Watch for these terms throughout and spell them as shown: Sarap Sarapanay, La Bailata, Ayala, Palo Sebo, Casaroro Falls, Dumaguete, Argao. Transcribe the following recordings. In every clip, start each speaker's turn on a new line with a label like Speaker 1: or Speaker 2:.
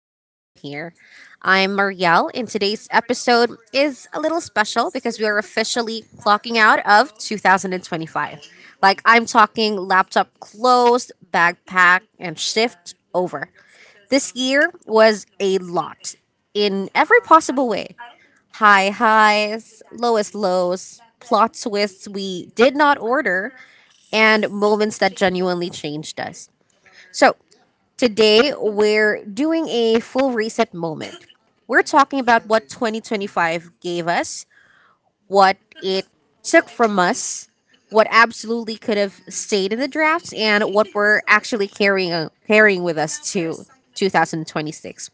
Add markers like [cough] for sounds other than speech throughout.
Speaker 1: first time here. I'm Marielle, and today's episode is a little special because we are officially clocking out of 2025. Like, I'm talking laptop closed, bag packed, and shift over. This year was a lot in every possible way: high highs, lowest lows, plot twists we did not order, and moments that genuinely changed us. So, today we're doing a full reset moment. We're talking about what 2025 gave us, what it took from us, what absolutely could have stayed in the drafts, and what we're actually carrying with us to 2026.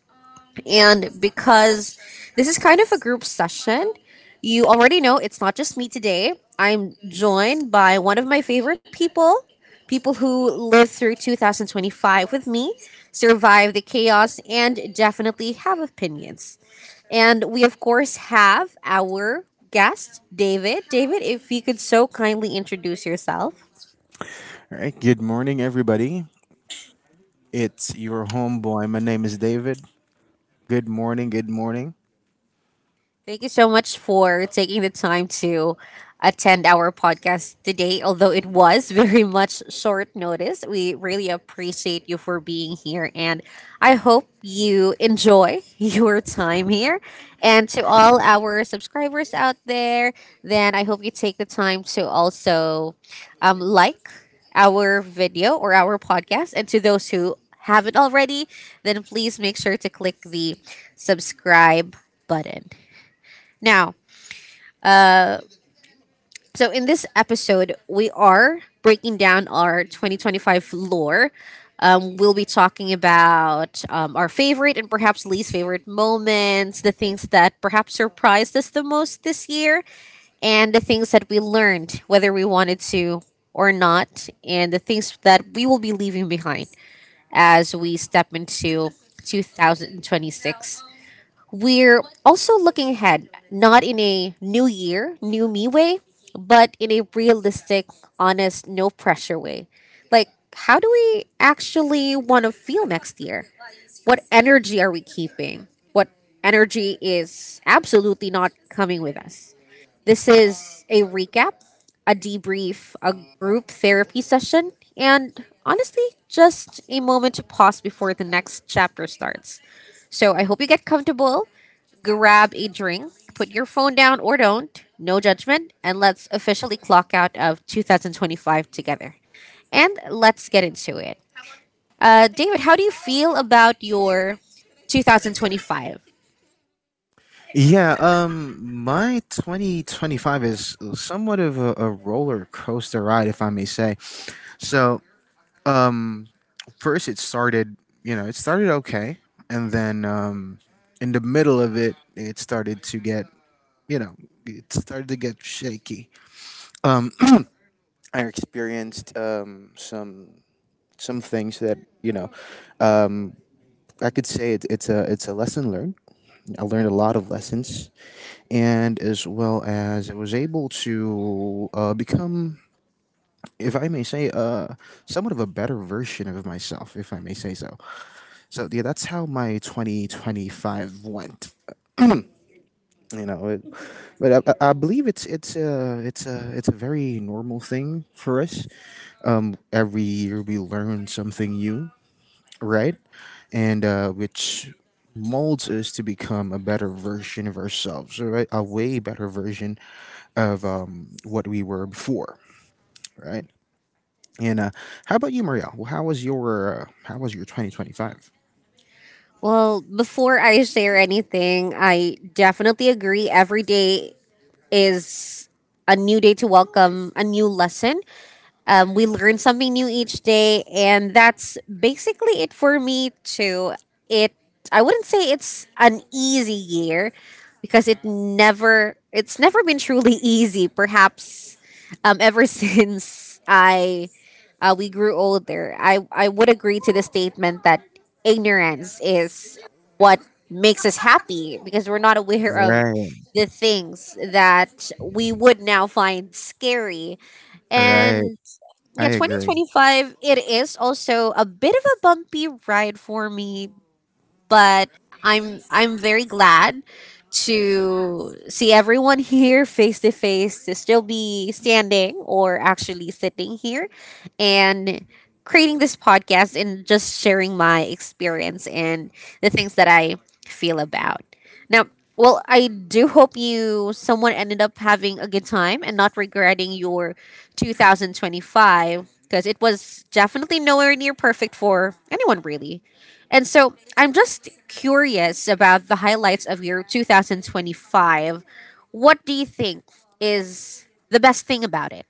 Speaker 1: And because this is kind of a group session, you already know it's not just me today. I'm joined by one of my favorite people, people who lived through 2025 with me, survived the chaos, and definitely have opinions. And we, of course, have our guest, David. David, if you could so kindly introduce yourself.
Speaker 2: All right. Good morning, everybody. It's your homeboy. My name is David. Good morning. Good morning.
Speaker 1: Thank you so much for taking the time to attend our podcast today. Although it was [laughs] very much short notice, we really appreciate you for being here. And I hope you enjoy [laughs] your time here. And to all our subscribers out there, then I hope you take the time to also like our video or our podcast. And to those who haven't already, then please make sure to click the subscribe button. Now, so in this episode, we are breaking down our 2025 lore. We'll be talking about our favorite and perhaps least favorite moments, the things that perhaps surprised us the most this year, and the things that we learned, whether we wanted to or not, and the things that we will be leaving behind as we step into 2026. We're also looking ahead, not in a new year, new me way, but in a realistic, honest, no pressure way. Like, how do we actually want to feel next year? What energy are we keeping? What energy is absolutely not coming with us? This is a recap, a debrief, a group therapy session, and honestly, just a moment to pause before the next chapter starts. So I hope you get comfortable, grab a drink, put your phone down or don't, no judgment, and let's officially clock out of 2025 together. And let's get into it. David, how do you feel about your 2025?
Speaker 2: Yeah. My 2025 is somewhat of a roller coaster ride, if I may say. So, um, first it started. You know, it started okay, and then in the middle of it, it started to get. You know, it started to get shaky. Um, [clears throat] I experienced some things that um. I could say it's a lesson learned. I learned a lot of lessons, and as well as I was able to become, if I may say, somewhat of a better version of myself, if I may say so. So yeah, that's how my 2025 went. You know, but I believe it's a very normal thing for us. Every year we learn something new, right? And which molds us to become a better version of ourselves, right? A way better version of what we were before, right? And how about you, Maria? Well, how was your 2025?
Speaker 1: Well, before I share anything, I definitely agree. Every day is a new day to welcome a new lesson. We learn something new each day, and that's basically it for me too. It I wouldn't say it's an easy year because it's never been truly [laughs] easy. Perhaps ever [laughs] since I we grew older, I would agree to the statement that ignorance is what makes us happy because we're not aware of
Speaker 2: Right,
Speaker 1: the things that we would now find scary.
Speaker 2: right.
Speaker 1: And
Speaker 2: I
Speaker 1: yeah,
Speaker 2: agree.
Speaker 1: 2025, it is also a bit of a bumpy ride for me, but I'm very glad to see everyone here face to face to still be standing or actually sitting here and creating this podcast and just sharing my experience and the things that I feel about. Now, well, I do hope you someone ended up having a good time and not regretting your 2025, because it was definitely nowhere near perfect for anyone really. And so, I'm just curious about the highlights of your 2025. What do you think is the best thing about it?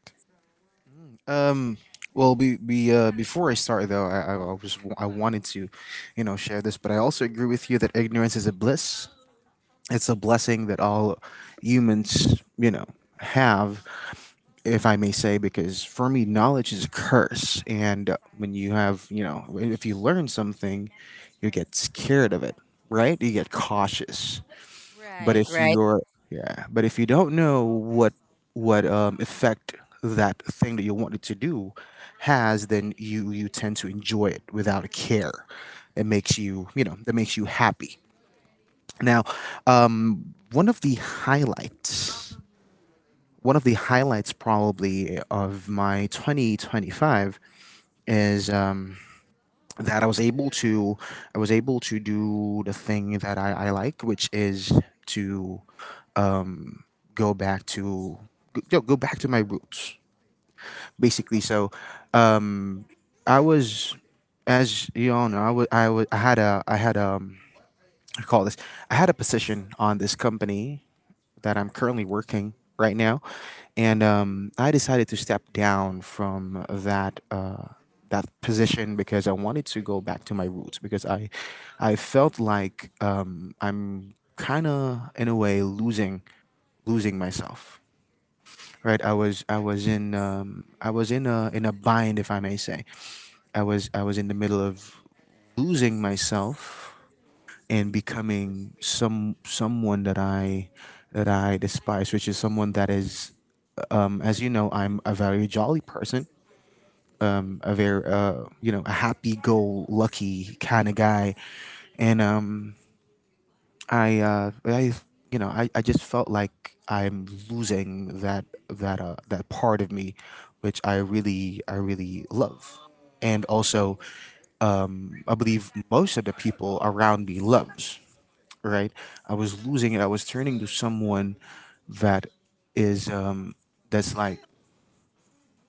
Speaker 2: Um, well, before I start though, I wanted to, you know, share this, but I also agree with you that ignorance is a bliss. It's a blessing that all humans have, if I may say, because for me, knowledge is a curse. And when you have, you know, if you learn something, you get scared of it, right? You get cautious. But
Speaker 1: Right,
Speaker 2: if
Speaker 1: right.
Speaker 2: you're, yeah, but if you don't know what effect that thing that you wanted to do has, then you tend to enjoy it without a care. It makes that makes you happy. Now, um, one of the highlights, one of the highlights probably of my 2025 is that I was able to do the thing that I like, which is to go back to, go back to my roots, basically. So, I was, as you all know, I had a I call this. I had a position on this company that I'm currently working right now, and I decided to step down from that position because I wanted to go back to my roots because I felt like I'm kind of in a way losing myself. Right, I was in a bind, if I may say. I was in the middle of losing myself and becoming someone that I despise, which is someone that is, as you know, I'm a very jolly person, a very a happy-go-lucky kind of guy, and I uh, I I just felt like I'm losing that part of me, which I really love, and also I believe most of the people around me loves, right? I was losing it. I was turning to someone that is um that's like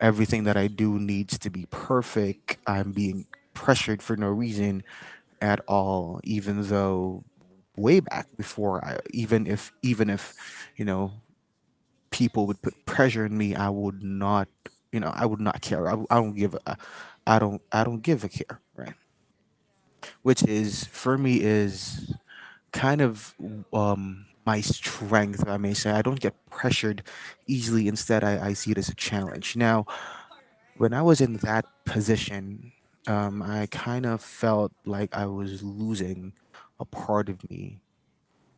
Speaker 2: everything that I do needs to be perfect. I'm being pressured for no reason at all, even though way back before I even if, you know, people would put pressure on me, I would not care. I don't give a I don't give a care, right? Which is for me is kind of, my strength, if I may say. I don't get pressured easily. Instead, I see it as a challenge. Now, when I was in that position, I kind of felt like I was losing a part of me.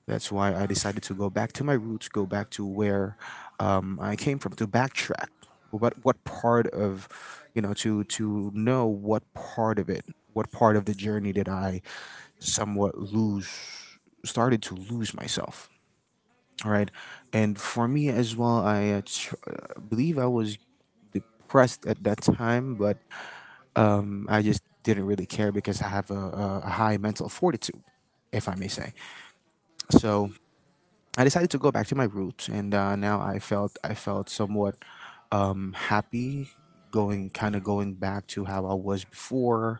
Speaker 2: That's why I decided to go back to my roots, go back to where I came from, to backtrack. What part of, you know, to know what part of it, what part of the journey did I somewhat lose, started to lose myself. All right, and for me as well, I believe I was depressed at that time, but I just didn't really care because I have a high mental fortitude, if I may say. So I decided to go back to my roots, and now I felt somewhat happy, going, kind of going back to how I was before,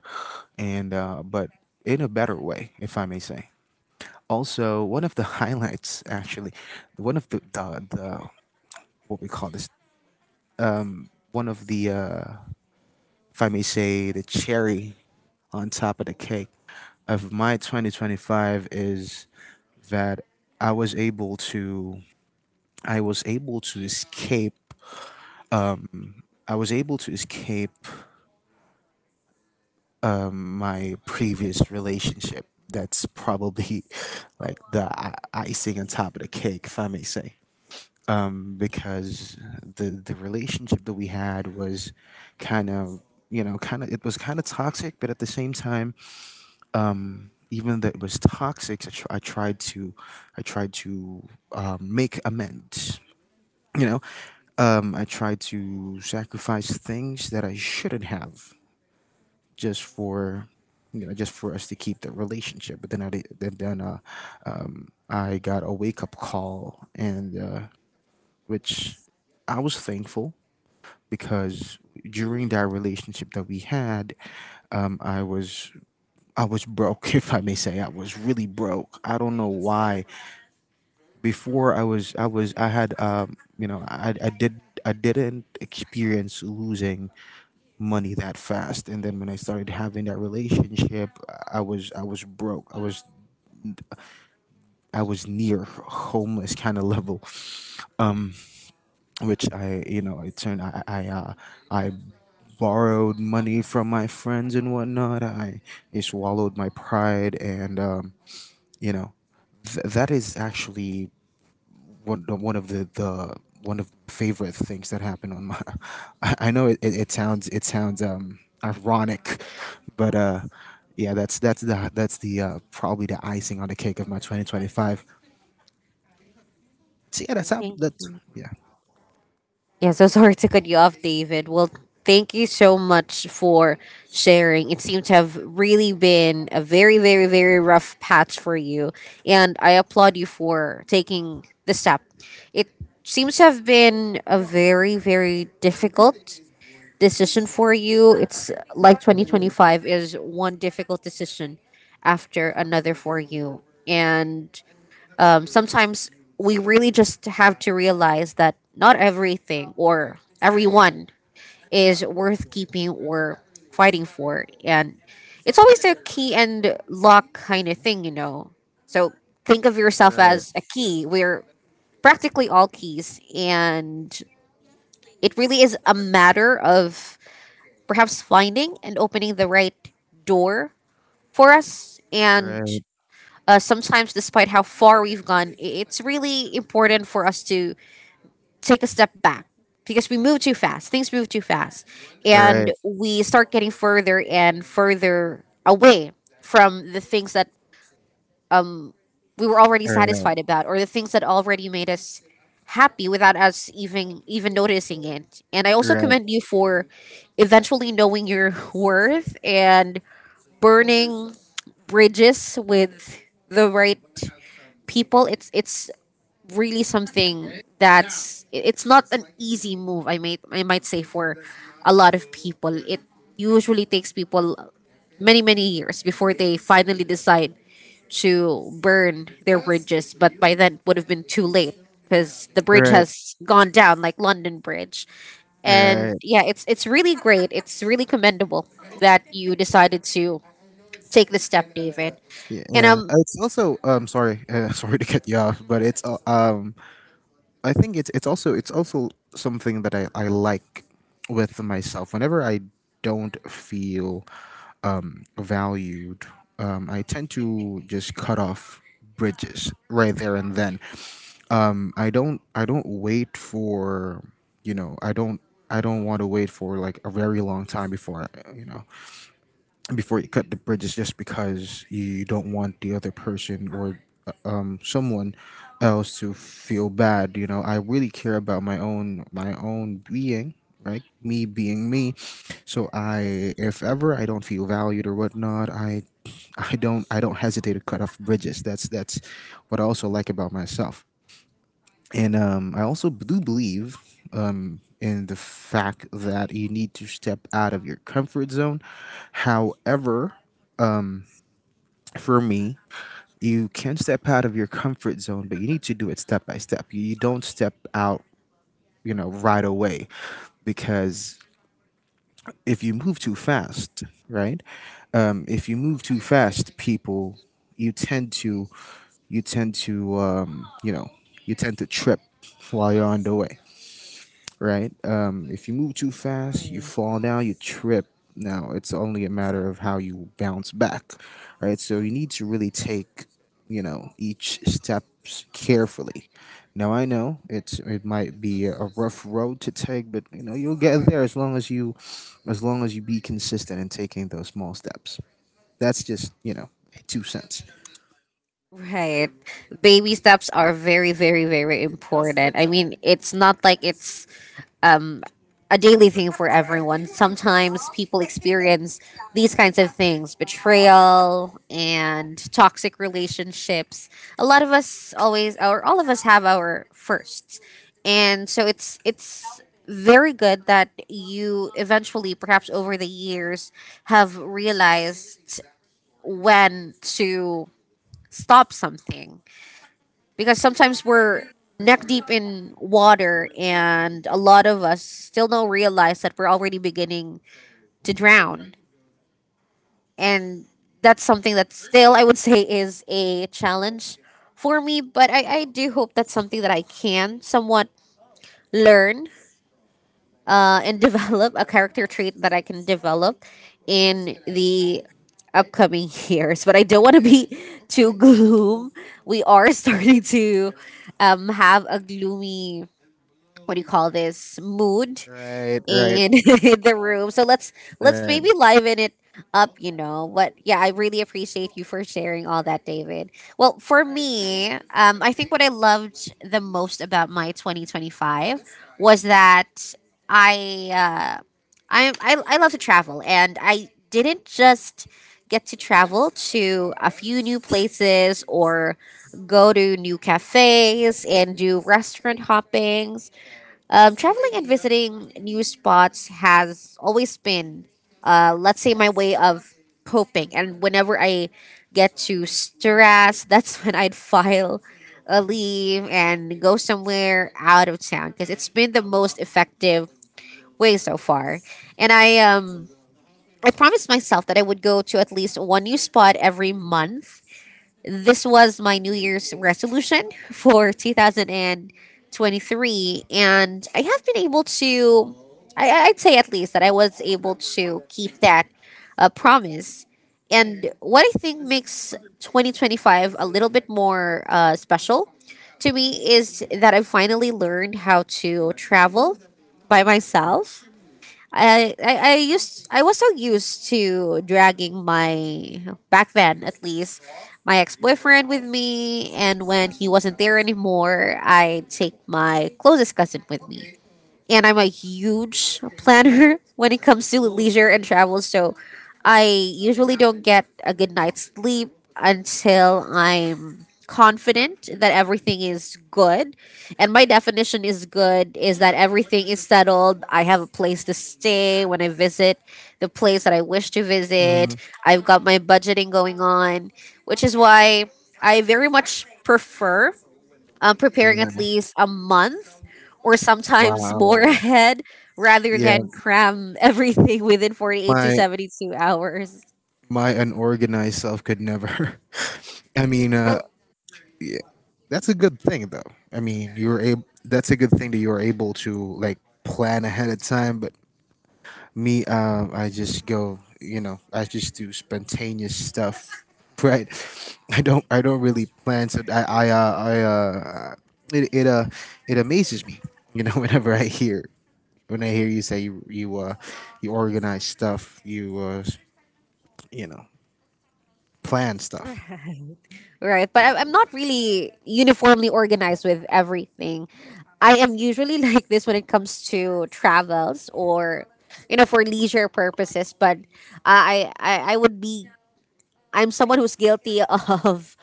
Speaker 2: and but in a better way, if I may say. Also, one of the [laughs] highlights, actually, one of the what we call this, one of the, if I may say, the cherry on top of the cake of my 2025 is that I was able to I was able to escape I was able to escape, my previous relationship. That's probably [laughs] like the icing on top of the cake, if I may say. Because the relationship that we had was kind of, you know, kind of toxic, but at the same time, even though it was toxic, I tried to make amends. You know, I tried to sacrifice things that I shouldn't have just for, you know, just for us to keep the relationship, but then I got a wake-up call, and which I was thankful, because during that relationship that we had, um i was I was broke, [laughs] if I may say. I was really broke. I don't know why before I was I was I had you know I did I didn't experience losing money that fast, and then when I started having that relationship, I was broke, I was near homeless kind of level, um which I, you know, it turned I borrowed money from my friends and whatnot. I swallowed my pride, and you know that is actually one the one of favorite things that happened on my. [laughs] I know it sounds ironic, but yeah, that's the probably the icing on the cake of my 2025. So yeah, that's
Speaker 1: I
Speaker 2: how
Speaker 1: think.
Speaker 2: that's yeah.
Speaker 1: Yeah, so sorry to cut you off, David. Well, thank you so much for sharing. It seems to have really been a very, very, very rough patch for you. And I applaud you for taking the step. It seems to have been a very, very difficult decision for you. It's like 2025 is one difficult decision after another for you. And sometimes we really just have to realize that not everything or everyone is worth keeping or fighting for. And it's always a key and lock kind of thing, you know. So think of yourself
Speaker 2: Right,
Speaker 1: as a key. We're practically all keys. And it really is a matter of perhaps finding and opening the right door for us. And
Speaker 2: right,
Speaker 1: sometimes despite how far we've gone, it's really important for us to take a step back because we move too fast. Things move too fast,
Speaker 2: right,
Speaker 1: and we start getting further and further away from the things that we were already
Speaker 2: right,
Speaker 1: satisfied about or the things that already made us happy without us even noticing it. And I also
Speaker 2: right,
Speaker 1: commend you for eventually knowing your [laughs] worth and burning bridges with the right people. It's really something that's it's not an easy move. I might say for a lot of people, it usually takes people many, many years before they finally decide to burn their bridges. But by then, it would have been too late because the bridge
Speaker 2: right.
Speaker 1: has gone down, like London Bridge. And yeah, it's really great. It's really commendable that you decided to take the step, David.
Speaker 2: Yeah,
Speaker 1: And
Speaker 2: yeah. It's also sorry, [laughs] sorry to cut you off, but it's I think it's also something that I like with myself. Whenever I don't feel valued, I tend to just cut off bridges right there and then. I don't wait for, you know I don't I don't want to wait for like a very long time before I, you know, before you cut the bridges just because you don't want the other person or someone else to feel bad. You know, I really care about my own being, right? Me being me. So
Speaker 1: Right,
Speaker 2: I if ever I don't feel valued or whatnot, I don't hesitate to cut off bridges. That's what I also like about myself. And, I also do believe, in the fact that you need to step out of your comfort zone. However, for me, you can step out of your comfort zone, but you need to do it step by step. You don't step out, you know, right away, because if you move too fast, right? If you move too fast, people, you tend to, you tend to, you know, you tend to trip while you're on the way, right? If you move too fast, you
Speaker 1: right.
Speaker 2: fall down, you trip. Now it's only a matter of how you bounce back, right? So you need to really take, you know, each steps carefully. Now I know it might be a rough road to take, but you know you'll get there as long as you be consistent in taking those small steps. That's just, you know, two cents.
Speaker 1: right, baby steps are very, very, very important. I mean, it's not like it's a daily thing for everyone. Sometimes people experience these kinds of things, betrayal and toxic relationships. A lot of us always, or all of us, have our firsts. And so it's, very good that you eventually, perhaps over the years, have realized when to stop something, because sometimes we're neck deep in water and a lot of us still don't realize that we're already beginning to drown. And that's something that still I would say is a challenge for me, but I do hope that's something that I can somewhat learn and [laughs] develop, a character trait that I can develop in the upcoming [laughs] years. But I don't want to be [laughs] too gloom. We are [laughs] starting to have a gloomy, what do you call this, mood
Speaker 2: Right, right,
Speaker 1: in [laughs] the room. So let's
Speaker 2: right.
Speaker 1: maybe liven it up, you know. But yeah, I really appreciate you for sharing all that, David. Well, for me, I think what I loved the most about my 2025 was that I uh, I love to travel, and I didn't just get to travel to a few new places or go to new cafes and do restaurant hoppings. Traveling and visiting new spots has always been, let's say, my way of coping. And whenever I get to stress, that's [laughs] when I'd file a leave and go somewhere out of town, because it's been the most effective way so far. And I promised myself that I would go to at least one new spot every month. This was my New Year's resolution for 2023, and I have been able to, I'd say at least that I was able to keep that promise. And what I think makes 2025 a little bit more special to me is that I finally learned how to travel by myself. I was so used to dragging my, back then at least, my ex boyfriend with me, and when he wasn't there anymore, I take my closest cousin with me. And I'm a huge planner [laughs] when it comes to leisure and travel. So I usually don't get a good night's sleep until I'm confident that everything is good. And my definition is good is that everything is settled. I have a place to stay when I visit the place that I wish to visit.
Speaker 2: Mhm.
Speaker 1: I've got my budgeting going on, which is why I very much prefer preparing at
Speaker 2: Yeah.
Speaker 1: least a month or sometimes more [laughs]
Speaker 2: Wow.
Speaker 1: ahead rather
Speaker 2: Yeah,
Speaker 1: than cram everything within 48 to
Speaker 2: my
Speaker 1: 72 hours.
Speaker 2: my unorganized self could never. [laughs] I mean,
Speaker 1: Well,
Speaker 2: yeah, that's a good thing though. I mean, you were able. That's a good thing that you were able to like plan ahead of time. But me, I just go. You know, I just do spontaneous stuff. [laughs] Right. I don't really plan. So I. I. I it. It. It amazes me. You know, [laughs] whenever I hear. When I hear you say you organize stuff, you know, plan stuff.
Speaker 1: right. But I'm not really uniformly organized with everything. I am usually [laughs] like this when it comes to travels or, you know, for leisure purposes. But I would be, I'm someone who's guilty [laughs] of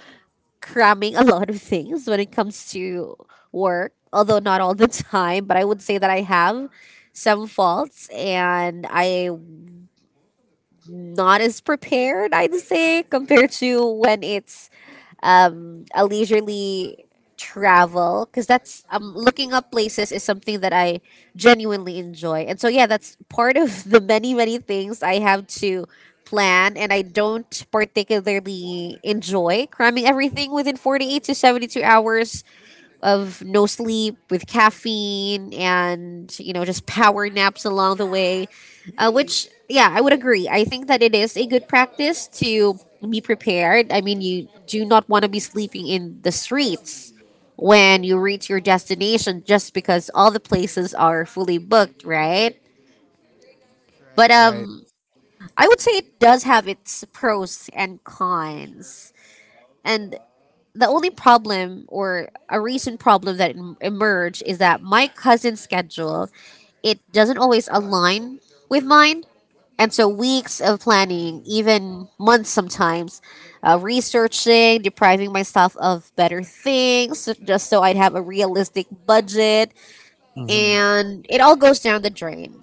Speaker 1: cramming a [laughs] lot of things when it comes to work, although not all the time, but I would say that I have some faults and I'm not as prepared, I'd say, compared to when it's a leisurely travel, because that's looking up places is something that I genuinely enjoy. And so, yeah, that's part of [laughs] the many, many things I have to plan, and I don't particularly enjoy cramming everything within 48 to 72 hours of no sleep with caffeine and just power naps along the way. Which, yeah, I would agree. I think that it is a good practice to be prepared. I mean, you do not want to be sleeping in the streets when you reach your destination just because all the places are fully booked, right?
Speaker 2: Right,
Speaker 1: but
Speaker 2: right.
Speaker 1: um I would say it does have its pros and cons. And the only problem or a recent problem that emerged is that my cousin's schedule, it doesn't always align with mine. And so weeks of planning, even months sometimes, researching, depriving myself of better things just so I'd have a realistic budget,
Speaker 2: Mm-hmm.
Speaker 1: and it all goes down the drain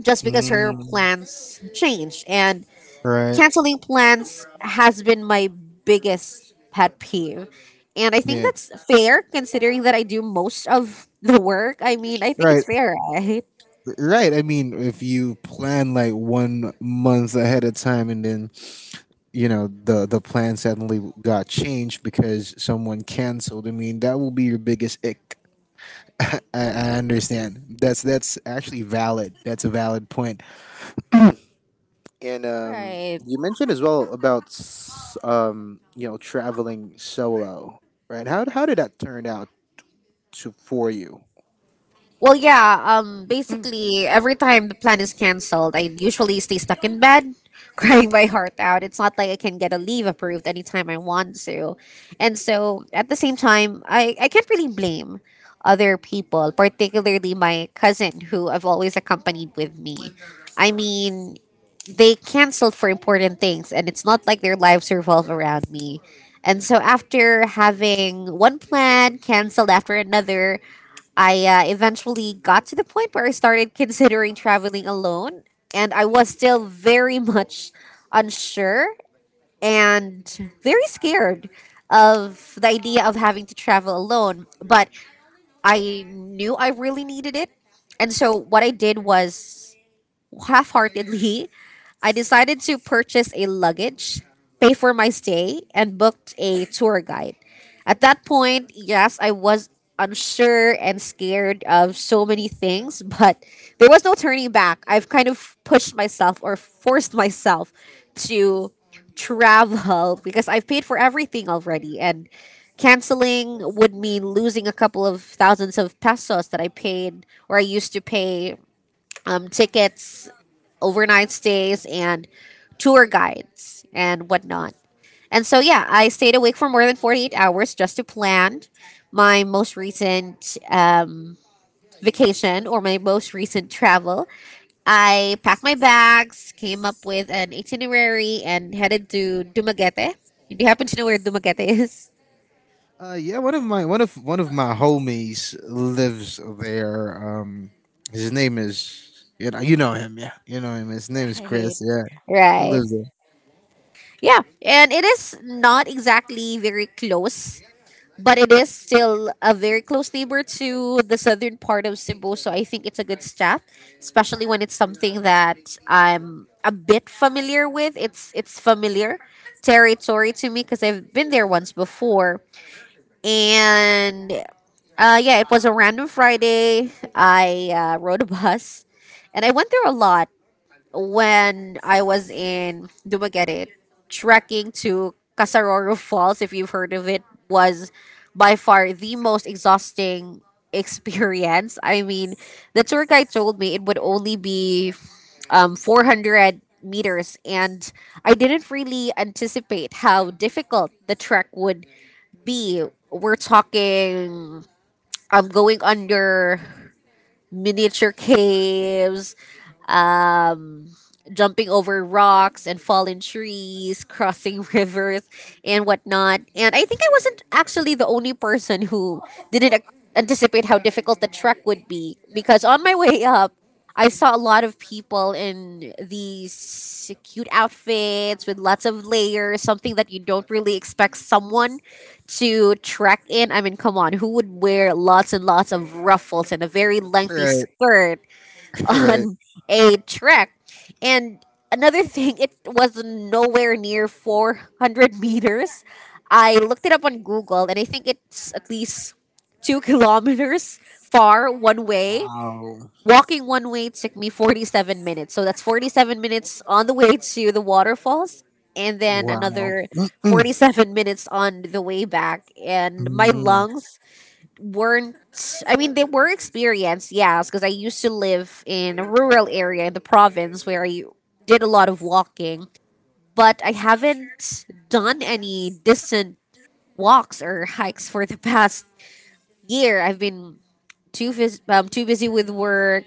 Speaker 1: just because her
Speaker 2: Mm-hmm.
Speaker 1: plans change. And
Speaker 2: Right.
Speaker 1: canceling plans has been my biggest pet peeve. And I think
Speaker 2: Yeah.
Speaker 1: that's fair considering that I do most of the work. I mean, I think
Speaker 2: Right.
Speaker 1: it's fair, right?
Speaker 2: Right. I mean, if you plan like one month ahead of time, and then you know the plan suddenly got changed because someone canceled. I mean, that will be your biggest ick. I understand. That's actually valid. That's a valid point. And
Speaker 1: Right.
Speaker 2: you mentioned as well about you know, traveling solo, right? How did that turn out to for you?
Speaker 1: Well, yeah. Basically, every time the plan is canceled, I usually stay stuck in bed, [laughs] crying my heart out. It's not like I can get a leave approved anytime I want to, and so at the same time, I can't really blame other people, particularly my cousin who I've always accompanied with me. I mean, they canceled for important things, and it's not like their lives revolve around me. And so after having one plan canceled after another, I eventually got to the point where I started considering traveling alone, and I was still very [laughs] much unsure and very scared of the idea of having to travel alone, but I knew I really needed it. And so what I did was, half heartedly, I decided to purchase a luggage, pay for my stay, and booked a tour guide. At that point, yes, I was unsure and scared of so many things, but there was no turning back. I've kind of pushed myself or forced myself to travel because I've paid for everything already, and canceling would mean losing a couple of thousands of pesos that I paid or I used to pay tickets, overnight stays, and tour guides and whatnot. And so, yeah, I stayed awake for more than 48 hours just to plan my most recent vacation or my most recent travel. I packed my bags, came up with an itinerary, and headed to Dumaguete. Do you happen to know where Dumaguete is? [laughs]
Speaker 2: Yeah, one of my one of my homies lives there. His name is you know him, yeah, you know him. His name is
Speaker 1: Right.
Speaker 2: Chris. Yeah, he
Speaker 1: Right.
Speaker 2: lives
Speaker 1: Yeah. And it is not exactly very close, but it is still a very close neighbor to the southern part of Cebu. So I think it's a good step, especially when it's something that I'm a bit familiar with. It's familiar territory to me because I've been there once before, and yeah, it was a random Friday. I rode a bus, and I went through a lot when I was in Dumaguete, trekking to Casaroro Falls, if you've heard of it, was by far the most exhausting [laughs] experience. I mean, the tour guide told me it would only be 400 meters, and I didn't really anticipate how difficult the trek would be. We're talking going under miniature caves, um, jumping over rocks and fallen trees, crossing [laughs] rivers, and whatnot. And I think I wasn't actually the only person who didn't ac- anticipate how difficult the trek would be, because on my way up, I saw a lot of people in these cute outfits with lots of layers, something that you don't really expect someone to trek in. I mean, come on, who would wear lots and lots of ruffles and a very lengthy
Speaker 2: there. Right,
Speaker 1: skirt
Speaker 2: [laughs] right.
Speaker 1: on [laughs] a track. And another thing, it was nowhere near 400 meters. I looked it up on Google, and I think it's at least 2 kilometers far one way.
Speaker 2: Wow,
Speaker 1: Walking one way took me 47 minutes. So that's 47 minutes on the way to the waterfalls and then
Speaker 2: wow.
Speaker 1: another 47 minutes on the way back. And my
Speaker 2: Mm,
Speaker 1: lungs weren't— I mean, they were experienced, yes, because I used to live in a rural area in the province where I did a lot of walking, but I haven't done any distant walks or hikes for the past year. I've been too busy with work,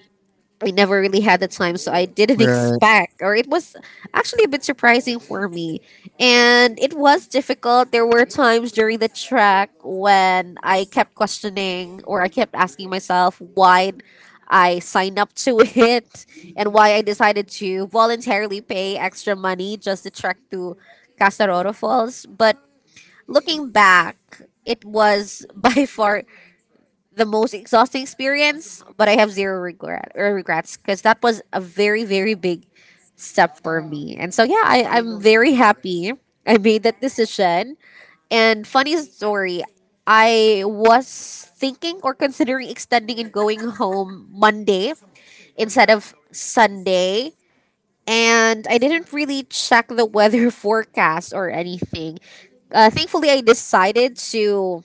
Speaker 1: I never really had the time, so I didn't [laughs]
Speaker 2: right.
Speaker 1: expect, or it was actually a bit surprising for me. And it was difficult. There were times during the track when I kept questioning, or I kept asking myself why I signed up to [laughs] it and why I decided to voluntarily pay extra money just to trek to Casaroro Falls. But looking back, it was [laughs] by far the most exhausting experience, but I have zero regret or regrets because that was a very, very big step for me. And so yeah, I'm very happy I made that decision. And funny story, I was thinking or considering extending and going home Monday instead of Sunday. And I didn't really check the weather [laughs] forecast or anything. Thankfully, I decided to,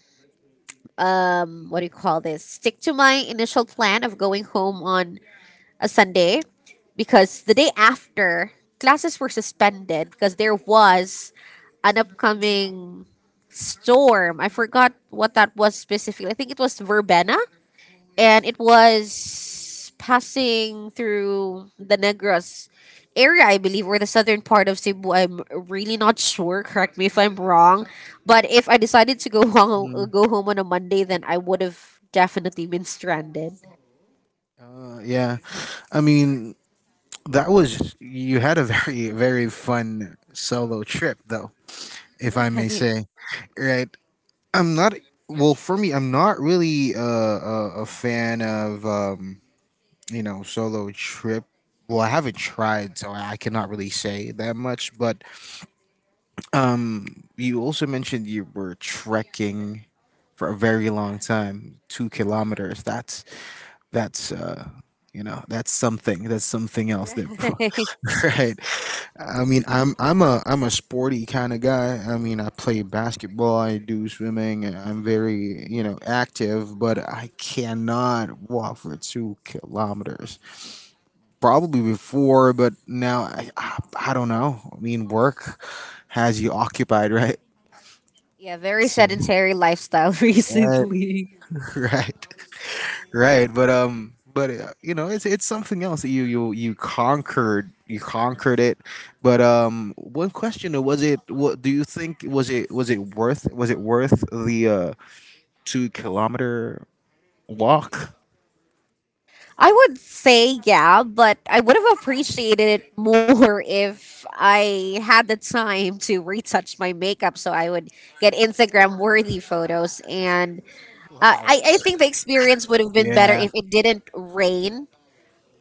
Speaker 1: what do you call this, stick to my initial plan of going home on a Sunday, because the day after, classes were suspended because there was an upcoming storm. I forgot what that was specifically. I think it was verbena, and it was passing through the Negros area, I believe, or the southern part of Cebu. I'm really not sure. Correct me if I'm wrong. But if I decided to go [laughs] home,
Speaker 2: Mm.
Speaker 1: go home on a Monday, then I would have definitely been stranded. [laughs]
Speaker 2: Yeah. I mean, that was you had a [laughs] very very fun solo trip though, if I may say. Right. I'm not. Well, for me, I'm not really a fan of. You know, solo trip. Well, I haven't tried, so I cannot really say that much. But um, you also mentioned you were trekking for a very long time, 2 kilometers. That's you know, That's something else.
Speaker 1: Right,
Speaker 2: That [laughs]
Speaker 1: right.
Speaker 2: right. I mean, I'm a sporty kind of guy. I mean, I play basketball. I do swimming. I'm very you know active, but I cannot walk for 2 kilometers probably before, but now I don't know. I mean, work has you occupied, right?
Speaker 1: Yeah, very
Speaker 2: So-
Speaker 1: sedentary lifestyle [laughs]
Speaker 2: Right,
Speaker 1: recently.
Speaker 2: [laughs] right, right. But you know, it's something else that you conquered. You conquered it. But one question was it? What do you think? Was it worth? Was it worth the 2 kilometer walk?
Speaker 1: I would say yeah, but I would have appreciated it more if I had the time to retouch my makeup so I would get Instagram worthy photos. And
Speaker 2: Wow.
Speaker 1: I think the experience would have been better
Speaker 2: Yeah.
Speaker 1: if it didn't rain.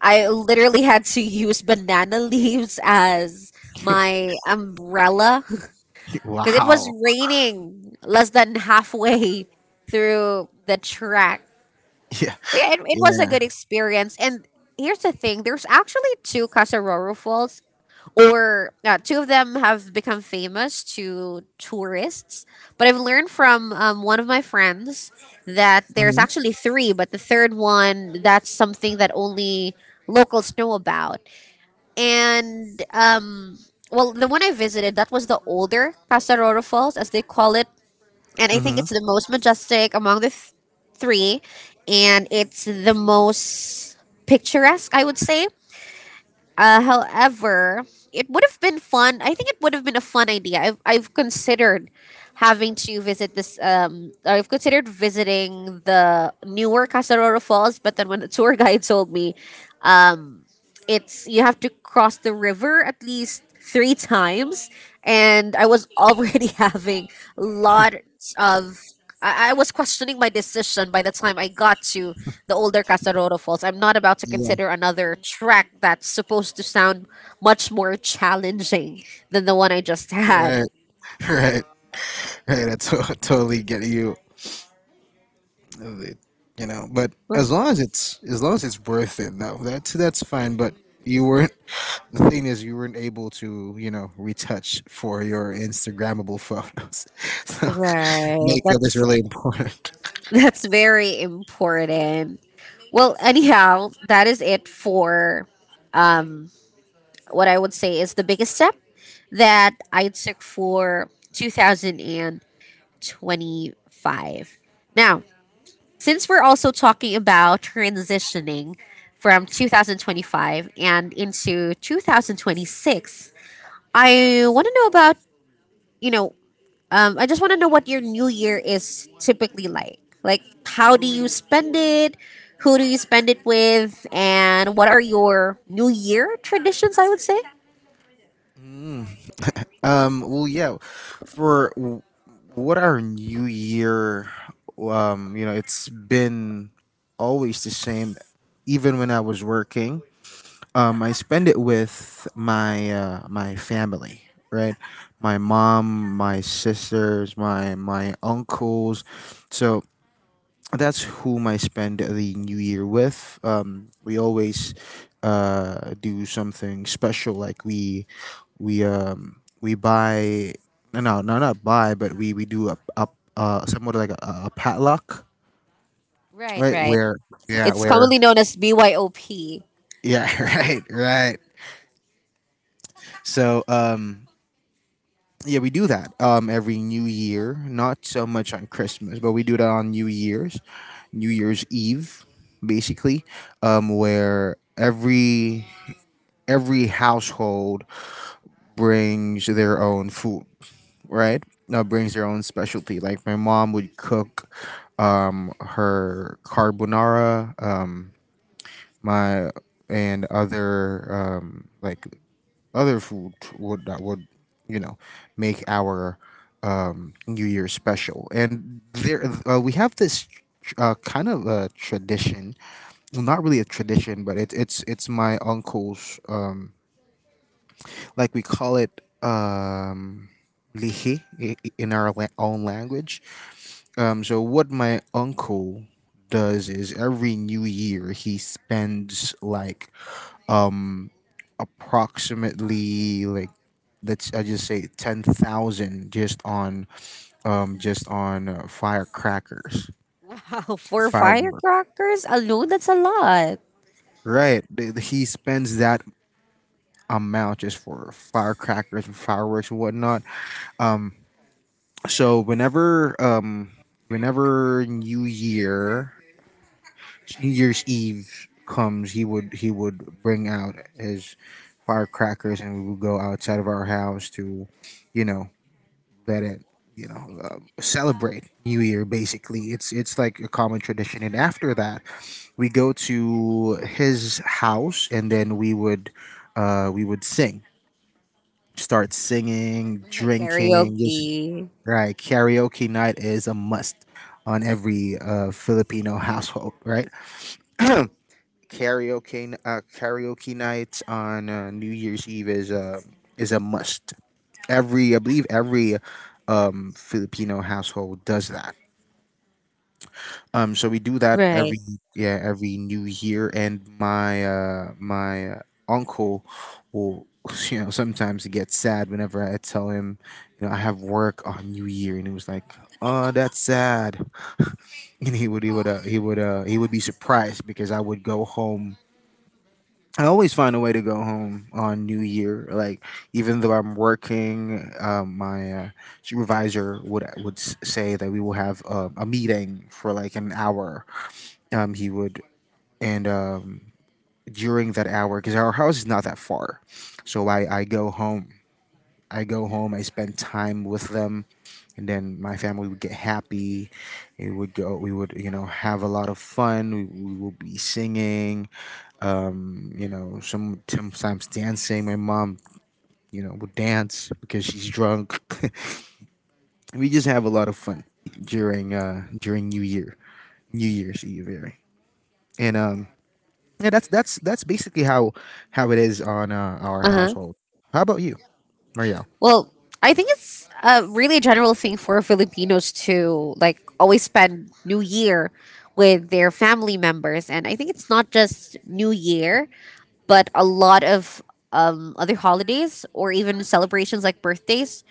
Speaker 1: I literally had to use banana [laughs] leaves as
Speaker 2: [laughs]
Speaker 1: my umbrella [laughs] because it was
Speaker 2: wow.
Speaker 1: raining less than halfway through the track.
Speaker 2: Yeah.
Speaker 1: But yeah, it was a
Speaker 2: Yeah.
Speaker 1: good experience. And here's the thing: there's actually two Casaroro Falls, or two of them have become famous to tourists. But I've learned from one of my friends that there's
Speaker 2: Mm-hmm.
Speaker 1: actually three, but the third one, that's something that only locals know about. And um, the one I visited, that was the older Casaroro Falls, as they call it, and I think
Speaker 2: Mm-hmm.
Speaker 1: it's the most majestic among the three, and it's the most picturesque, I would say. However, it would have been fun. I think it would have been a fun idea. I've considered having to visit this. I've considered visiting the newer Casaroro Falls, but then when the tour [laughs] guide told me it's you have to cross the river at least three times, and I was already [laughs] having lots of— I was questioning my decision. By the time I got to the older Casaroro Falls, I'm not about to
Speaker 2: Yeah.
Speaker 1: consider another track that's supposed to sound much more challenging than the one I just had.
Speaker 2: Right. [laughs] Right. Right, I [laughs] totally get you. It- You know, but
Speaker 1: R-
Speaker 2: as long as it's worth it, though, that's fine. But you weren't. The thing is, you weren't able to, you know, retouch for your Instagrammable photos. [laughs] so [laughs]
Speaker 1: right,
Speaker 2: makeup is
Speaker 1: that's
Speaker 2: really important.
Speaker 1: [laughs] that's very important. Well, anyhow, that is it for what I would say is the biggest step that I took for 2025. Now, since we're also talking about transitioning from 2025 and into 2026, I want to know about, you know, I just want to know what your new year is typically like. Like, how do you spend it? Who do you spend it with? And what are your new year traditions, I would say?
Speaker 2: Mm. Well, yeah. For w- what our new year, you know, it's been always the same. Even when I was working, I spend it with my my family, right? My mom, my sisters, my uncles. So that's whom I spend the New Year with. We always do something special, like we buy no no no not buy, but we do a somewhat like a padlock,
Speaker 1: Right,
Speaker 2: right?
Speaker 1: right. It's
Speaker 2: Where
Speaker 1: commonly known as BYOP.
Speaker 2: yeah [laughs] right right. So yeah, we do that every New Year. Not so much on Christmas, but we do that on New Year's, New Year's Eve, basically, where every household brings their own food, right? Brings their own specialty. Like my mom would cook her carbonara, my and other other food would that would you know make our New Year special. And there we have this kind of a tradition, well, not really a tradition, but it's my uncle's like we call it lihi in our own language. So what my uncle does is every New Year he spends like um approximately like let's I just say 10,000 just on firecrackers
Speaker 1: Wow, [laughs] for
Speaker 2: fireworks
Speaker 1: firecrackers alone, that's a lot.
Speaker 2: right he spends that amount just for firecrackers and fireworks and whatnot um so whenever New Year's Eve comes he would bring out his firecrackers and we would go outside of our house to you know that it you know celebrate New Year. Basically, it's like a common tradition. And after that, we go to his house, and then we would sing, start singing,
Speaker 1: Right,
Speaker 2: drinking. Just
Speaker 1: karaoke.
Speaker 2: right, karaoke night is a must on every Filipino household. Right, karaoke nights on New Year's Eve is a must. Every I believe every Filipino household does that so we do that
Speaker 1: Right.
Speaker 2: every yeah every New Year, and my uncle will [laughs] you know sometimes get sad whenever I tell him you know I have work on New Year, and he was like, "Oh, that's sad," [laughs] and he would he would be surprised because I would go home. I always find a way to go home on New Year. Like even though I'm working, my supervisor would say that we will have a meeting for like an hour he would and during that hour because our house is not that far so I go home I spend time with them and then my family would get happy it would go we would you know have a lot of fun we will be singing you know sometimes dancing my mom you know would dance because she's drunk [laughs] we just have a lot of fun during during new year's eve right? And yeah, that's basically how it is on our
Speaker 1: Uh huh.
Speaker 2: household. How about you, Marielle?
Speaker 1: Well, I think it's a really a general thing for Filipinos to like always spend New Year with their family members, and I think it's not just New Year, but a lot of other holidays or even celebrations like birthdays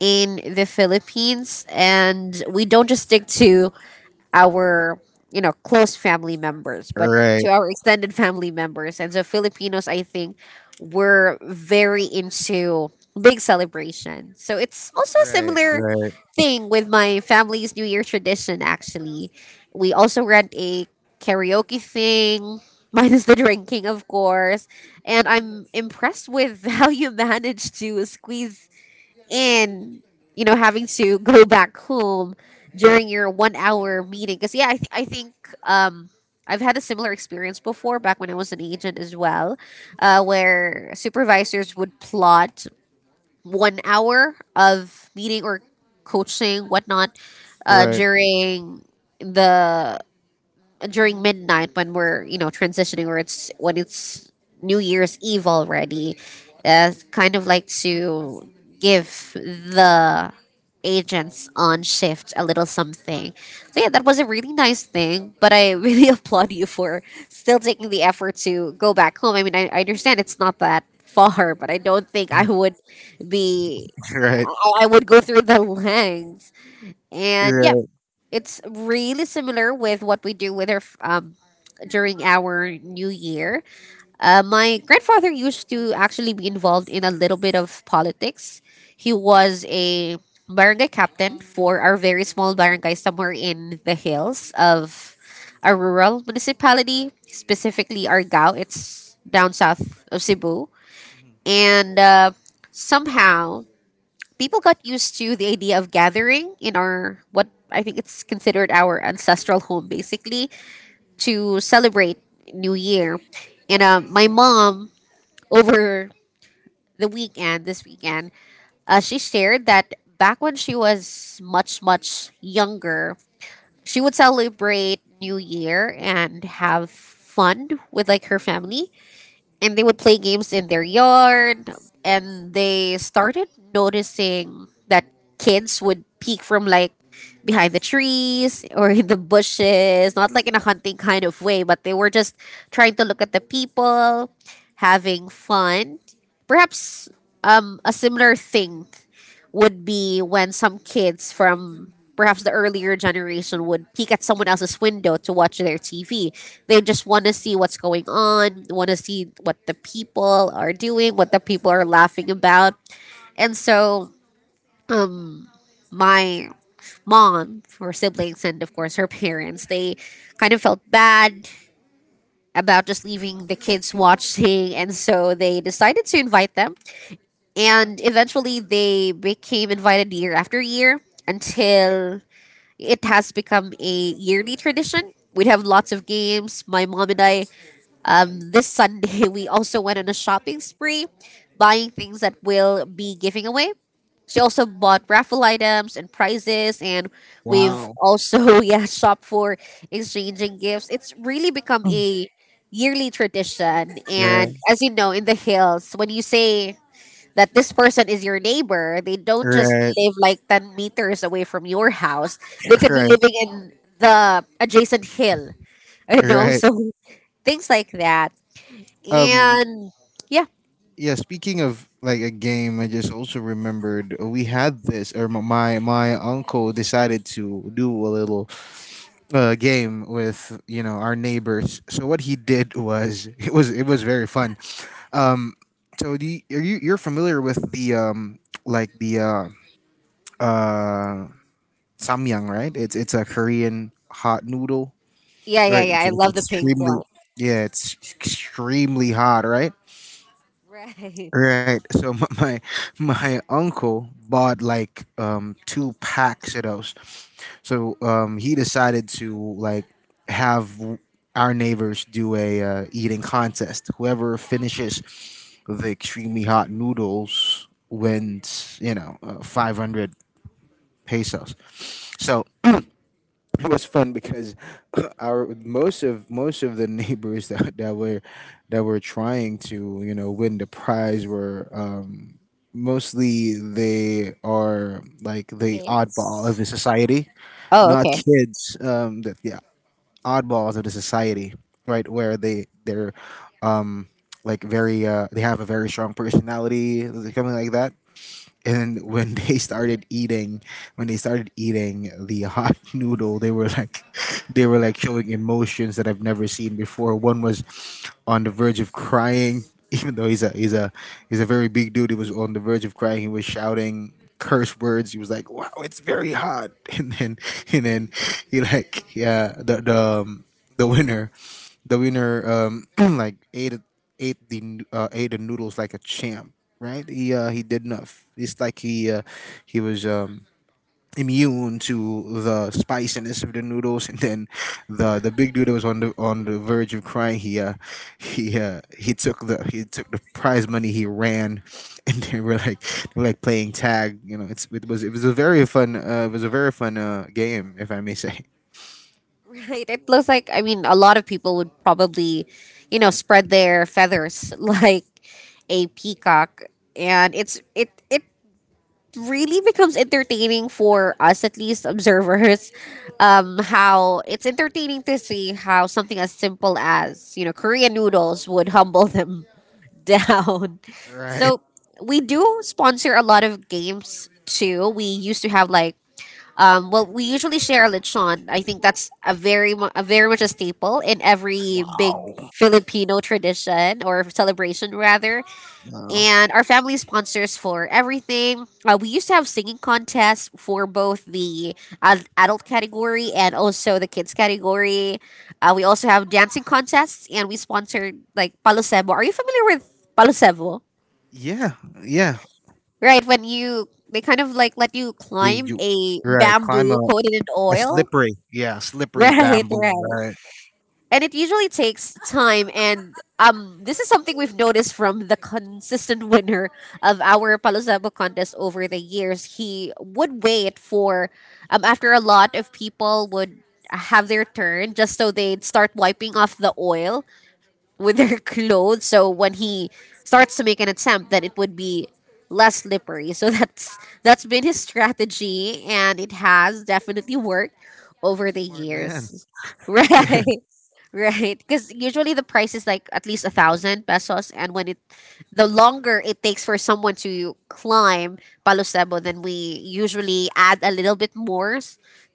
Speaker 1: in the Philippines, and we don't just stick to our close family members, but to
Speaker 2: Right,
Speaker 1: our extended family members. And so Filipinos, I think, were very into big celebration. So it's also a
Speaker 2: right,
Speaker 1: similar
Speaker 2: right,
Speaker 1: thing with my family's New Year tradition. Actually, we also rent a karaoke thing. [laughs] Minus the drinking, of course. And I'm impressed with [laughs] how you managed to squeeze, and you know, having to [laughs] go back home during your 1 hour meeting. Because yeah, I think um I've had a similar experience before back when I was an agent as well, where supervisors would plot 1 hour of meeting or coaching whatnot, uh,
Speaker 2: right, [laughs] right,
Speaker 1: during the during midnight when we're transitioning, or it's when it's new year's eve already, kind of like to give the agents on shift a little something. So yeah, that was a really nice thing. But I really [laughs] applaud you for still taking the effort to go back home. I mean, I understand it's not that far, but I don't think I would be.
Speaker 2: right.
Speaker 1: I would go through the lengths. And yeah, it's really similar with what we do with our during our new year. My grandfather used to actually be involved in a little bit of politics. He was a barangay captain for our very small barangay somewhere in the hills of a rural municipality, specifically Argao. It's down south of Cebu.
Speaker 2: Mhm.
Speaker 1: And somehow people got used to the idea of gathering in our, what I think it's considered our ancestral home, basically, to celebrate New Year. And my mom over the weekend, this weekend, she shared that back when she was much, much younger, she would celebrate New Year and have fun with like her family, and they would play games in their yard, and they started noticing that kids would peek from like behind the trees or in the bushes, not like in a hunting kind of way, but they were just trying to look at the people having fun. Perhaps a similar thing would be when some kids from perhaps the earlier generation would peek at someone else's window to watch their TV. They just want to see what's going on, want to see what the people are doing, what the people are laughing about. And so my mom, her siblings, and of course her parents, they kind of felt bad about just leaving the kids watching. And so they decided to invite them. And eventually they became invited year after year until it has become a yearly tradition. We'd have lots of games. My mom and I, this Sunday, [laughs] we also went on a shopping spree, buying things that we'll be giving away. She also bought raffle items and prizes, and we've
Speaker 2: Wow.
Speaker 1: also, [laughs] yeah, shopped for exchanging gifts. It's really become a yearly tradition. And
Speaker 2: Right,
Speaker 1: as you know, in the hills, when you say that this person is your neighbor, they don't just
Speaker 2: right,
Speaker 1: live like 10 meters away from your house. They could be
Speaker 2: right,
Speaker 1: living in the adjacent hill, [laughs] you know?
Speaker 2: right.
Speaker 1: So things like that.
Speaker 2: Um,
Speaker 1: And yeah,
Speaker 2: yeah. Speaking of like a game, I just also remembered we had this, or my my uncle decided to do a little game with you know our neighbors. So what he did was [laughs] it was very fun. Um, so are you you're familiar with the like the uh uh samyang, right? It's a Korean hot noodle,
Speaker 1: yeah, yeah,
Speaker 2: right?
Speaker 1: yeah. I
Speaker 2: It's
Speaker 1: love the pink one.
Speaker 2: extremely
Speaker 1: [laughs]
Speaker 2: yeah, it's extremely hot, right?
Speaker 1: Right.
Speaker 2: Right. So [laughs] my uncle bought like two packs of those. So he decided to like have w- our neighbors do a eating contest. Whoever finishes the extremely hot noodles wins, you know, 500 pesos. So it was fun because [laughs] [clears throat] our most of the neighbors that were trying to you know win the prize were mostly they are like the oddball of the
Speaker 1: Kids?
Speaker 2: society,
Speaker 1: Oh,
Speaker 2: not
Speaker 1: okay.
Speaker 2: kids. That yeah, oddballs of the society, right? Where they're um, like very they have a very strong personality, something like that and when [laughs] they started eating the hot [laughs] noodle they were like showing emotions that I've never seen before. One was on the verge of crying [laughs] even though he's a very big dude. He was on the verge of crying. He was shouting curse words. He was like wow it's very hot. [laughs] and then he like yeah the the winner the winner [clears throat] like ate the ate the noodles like a champ, right? He did enough. It's like he was immune to the spiciness of the noodles. And then the big dude that was on the verge of crying he took the prize money. He ran [laughs] and they were like playing tag. You know, it's it was a very fun game, if I may say.
Speaker 1: Right. It looks like, I mean, a lot of people would probably, you know, spread their feathers [laughs] like a peacock. And it really becomes entertaining for us, at least observers, how it's entertaining to see how something as simple as, you know, Korean noodles would humble them [laughs] down.
Speaker 2: [laughs] right.
Speaker 1: So we do sponsor a lot of games too. We used to have like, well, we usually share lechon. I think that's a very much a staple in every big
Speaker 2: Wow.
Speaker 1: Filipino tradition or celebration rather,
Speaker 2: Wow.
Speaker 1: and our family sponsors for everything. We used to have singing contests for both the adult category and also the kids category. We also have dancing contests, and we sponsored like Palosebo. Are you familiar with Palosebo?
Speaker 2: Yeah. Yeah.
Speaker 1: Right, when you they kind of like let you
Speaker 2: You
Speaker 1: climb
Speaker 2: you
Speaker 1: a
Speaker 2: right, climb
Speaker 1: bamboo coated in
Speaker 2: a
Speaker 1: oil. [laughs]
Speaker 2: slippery, yeah, slippery
Speaker 1: Right,
Speaker 2: bamboo,
Speaker 1: right.
Speaker 2: right?
Speaker 1: And it usually takes time, and this is something we've noticed from the consistent [laughs] winner of our Palo Santo contest over the years. He would wait for after a lot of people would have their turn, just so they'd start wiping off the oil with their [laughs] clothes. So when he starts to make an attempt, then it would be less slippery. So [laughs] that's been his strategy, and it has definitely worked over the
Speaker 2: Smart man.
Speaker 1: years. [laughs] Right. Right, because usually the price is like at least 1,000 pesos, and when it the longer it takes for someone to climb Palo Sebo, then we usually add a little bit more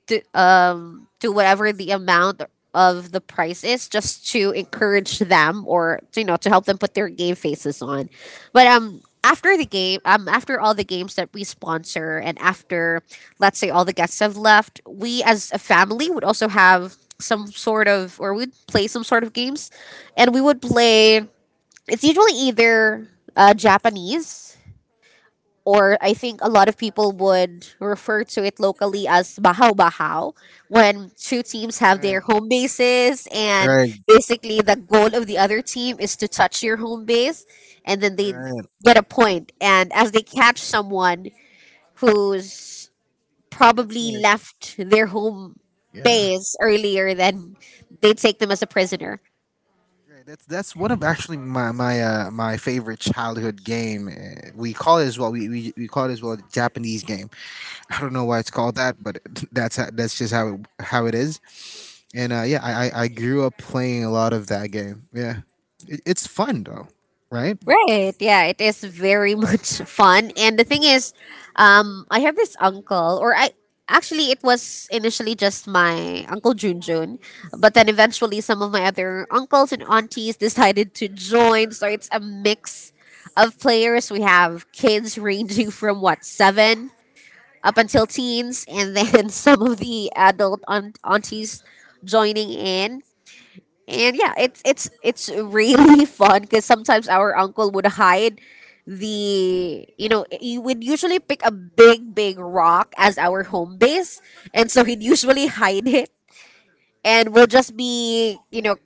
Speaker 1: to whatever the amount of the price is, just to encourage them, or you know, to help them put their game faces on. But after the game, after all the games that we sponsor, and after, let's say, all the guests have left, we as a family would also have some sort of, or we'd play some sort of games, and we would play, it's usually either Japanese, or I think a lot of people would refer to it locally as bahaw bahaw, when two teams have their
Speaker 2: Right.
Speaker 1: home bases, and
Speaker 2: Right.
Speaker 1: basically the goal of the other team is to touch your home base, and then they
Speaker 2: Right.
Speaker 1: get a point. And as they catch someone who's
Speaker 2: That's
Speaker 1: probably
Speaker 2: my
Speaker 1: left their home
Speaker 2: yeah.
Speaker 1: base earlier, then they take them as a prisoner.
Speaker 2: Right. That's one of actually my favorite childhood game. We call it as well. We call it as well Japanese game. I don't know why it's called that, but [laughs] that's how, that's just how it is. And yeah, I grew up playing a lot of that game. Yeah, it's fun though, right?
Speaker 1: Right. Yeah, it is very [laughs] much fun. And the thing is, I have this uncle, or I actually it was initially just my uncle Junjun, but then eventually some of my other uncles and aunties decided to join. So it's a mix of players. We have kids ranging from what seven up until teens, and then [laughs] some of the adult aunties joining in. And yeah, it's really [laughs] fun, because sometimes our uncle would hide the, he would usually pick a big big rock as our home base, and so he'd usually hide it, and we'll just be,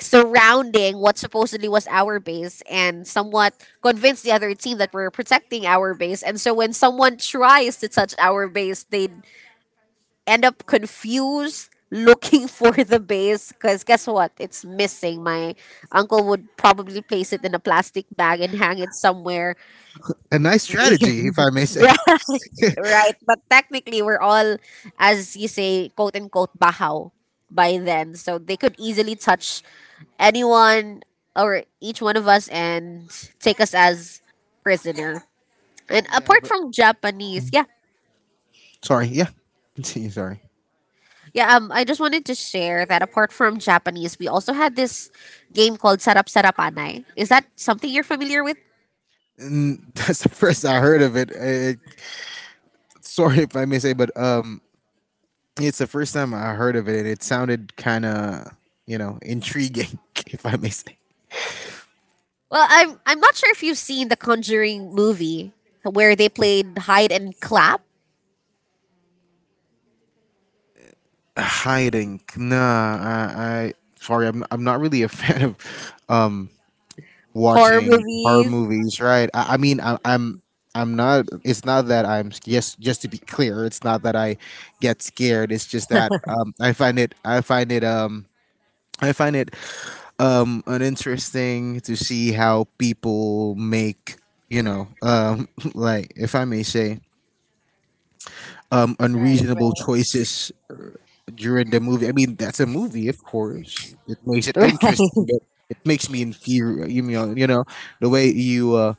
Speaker 1: surrounding what supposedly was our base, and somewhat convince the other team that we're protecting our base, and so when someone tries to touch our base, they'd end up confused, looking [laughs] for the base, because guess what? It's missing. My uncle would probably place it in a plastic bag and hang it somewhere.
Speaker 2: A nice
Speaker 1: [laughs]
Speaker 2: strategy, if I may say.
Speaker 1: Right. Right. But technically, we're all, as you say, quote unquote, bahaw by then. So they could easily touch anyone or each one of us and take us as prisoner. And
Speaker 2: Yeah,
Speaker 1: apart
Speaker 2: but
Speaker 1: from Japanese, yeah,
Speaker 2: sorry, yeah. Continue. Sorry.
Speaker 1: yeah, I just wanted to share that apart from Japanese, we also had this game called Sarap Sarapanay. Is that something you're familiar with?
Speaker 2: And [laughs] that's the first I heard of it. Sorry if I may say, but it's the first time I heard of it, and it sounded kind of you know intriguing, [laughs] if I may say.
Speaker 1: Well, I'm not sure if you've seen the Conjuring movie where they played hide and clap
Speaker 2: Hiding, nah. I sorry, I'm not really a [laughs] fan of um
Speaker 1: horror
Speaker 2: watching horror
Speaker 1: movies.
Speaker 2: movies. Right. I'm. I'm not. It's not that I'm. Yes, just to be clear, it's not that I get scared. It's just that I find it. I find it uninteresting to see how people make you know [laughs] like if I may say
Speaker 1: Right,
Speaker 2: unreasonable choices during the movie. I mean that's a movie of course it makes it
Speaker 1: right,
Speaker 2: interesting but it makes me inferior, you know. You know the way you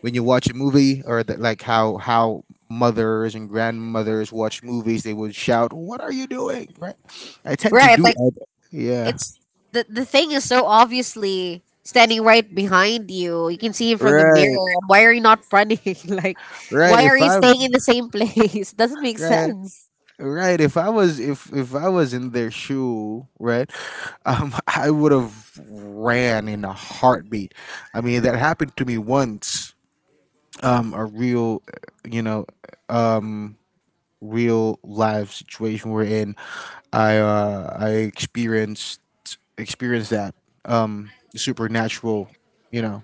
Speaker 2: when you watch a movie or that like how mothers and grandmothers watch movies, they would shout what are you doing, right? I
Speaker 1: [laughs]
Speaker 2: tend to
Speaker 1: right.
Speaker 2: do
Speaker 1: Like
Speaker 2: yeah
Speaker 1: it's the thing is, so obviously standing right behind you. You can see him from the mirror.
Speaker 2: right
Speaker 1: Why are you not running? [laughs] Like,
Speaker 2: right
Speaker 1: why
Speaker 2: if
Speaker 1: are you
Speaker 2: I'm
Speaker 1: staying in the same place? [laughs] Doesn't make
Speaker 2: right.
Speaker 1: sense.
Speaker 2: Right. If I was if I was in their shoe, right, [laughs] I would have ran in a heartbeat. I mean, that happened to me once. A real, you know, um, real life situation we're in. I experienced that um supernatural, you know,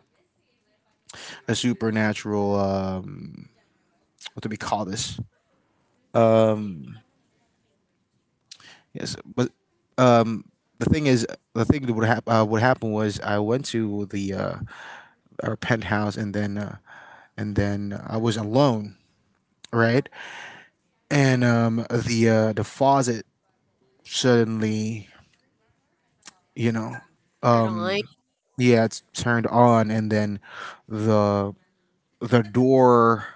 Speaker 2: a supernatural what do we call this? Yes, but the thing is, the thing that what happened was I went to the our penthouse and then I was alone, right? And the faucet suddenly, you know,
Speaker 1: Turn on.
Speaker 2: yeah, it's turned on, and then the the door.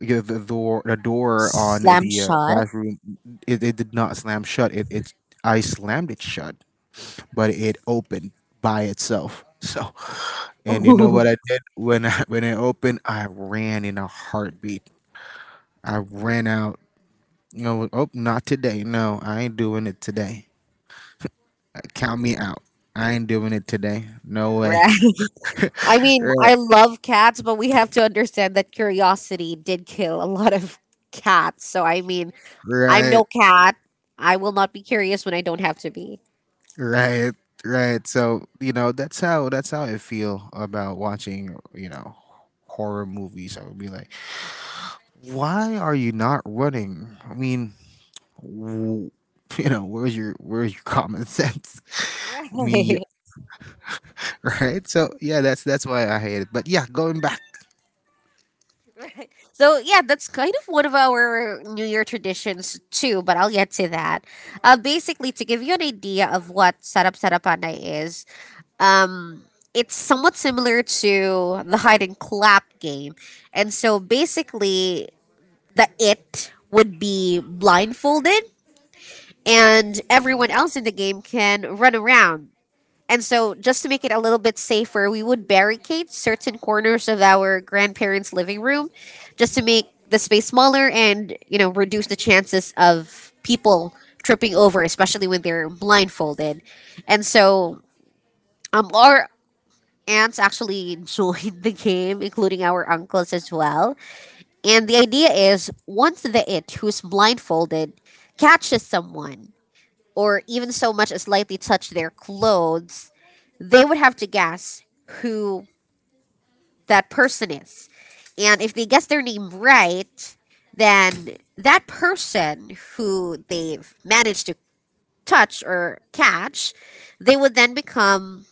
Speaker 2: Yeah, the door on
Speaker 1: Slam
Speaker 2: the
Speaker 1: shut.
Speaker 2: bathroom, it did not slam shut. I slammed it shut, but it opened by itself. [laughs] So
Speaker 1: [laughs]
Speaker 2: and you know
Speaker 1: Right.
Speaker 2: what I did when I [laughs] when it opened? I ran in a heartbeat. I ran out. You know, oh, not today. No, I ain't doing it today. Count me out. I ain't doing it today. No way.
Speaker 1: I
Speaker 2: [laughs]
Speaker 1: mean,
Speaker 2: Right,
Speaker 1: I love cats, but we have to understand that curiosity did kill a lot of cats. So, I mean, I'm
Speaker 2: right,
Speaker 1: no cat. I will not be curious when I don't have to be. [laughs]
Speaker 2: right, right. So you know that's how I feel about watching. You know, horror movies. I would be like, why are you not running? I mean, w- [laughs] you know, where's your common sense? [laughs] I mean, you,
Speaker 1: Right.
Speaker 2: [laughs] right? So yeah, that's why I hate it. But yeah, going back,
Speaker 1: Right. So yeah, that's kind of one of our New Year traditions too, but I'll get to that. Basically, to give you an idea of what Sarap Sarapana is, um, it's somewhat similar to the hide and clap game. And so basically, the it would be blindfolded, and
Speaker 2: hmm,
Speaker 1: everyone else in the game can run around. And so, just to make it a little bit safer, we would barricade certain corners of our grandparents' living room, just to make the space smaller and, you know, reduce the chances of people tripping over, especially when they're blindfolded. And so, our aunts actually [laughs] joined the game, including our uncles as well. And the idea is, once the it who's blindfolded catches someone, or even so much as lightly touch their clothes, they would have to guess who that person is. And if they guess their name right, then that person who they've managed to touch or catch, they would then become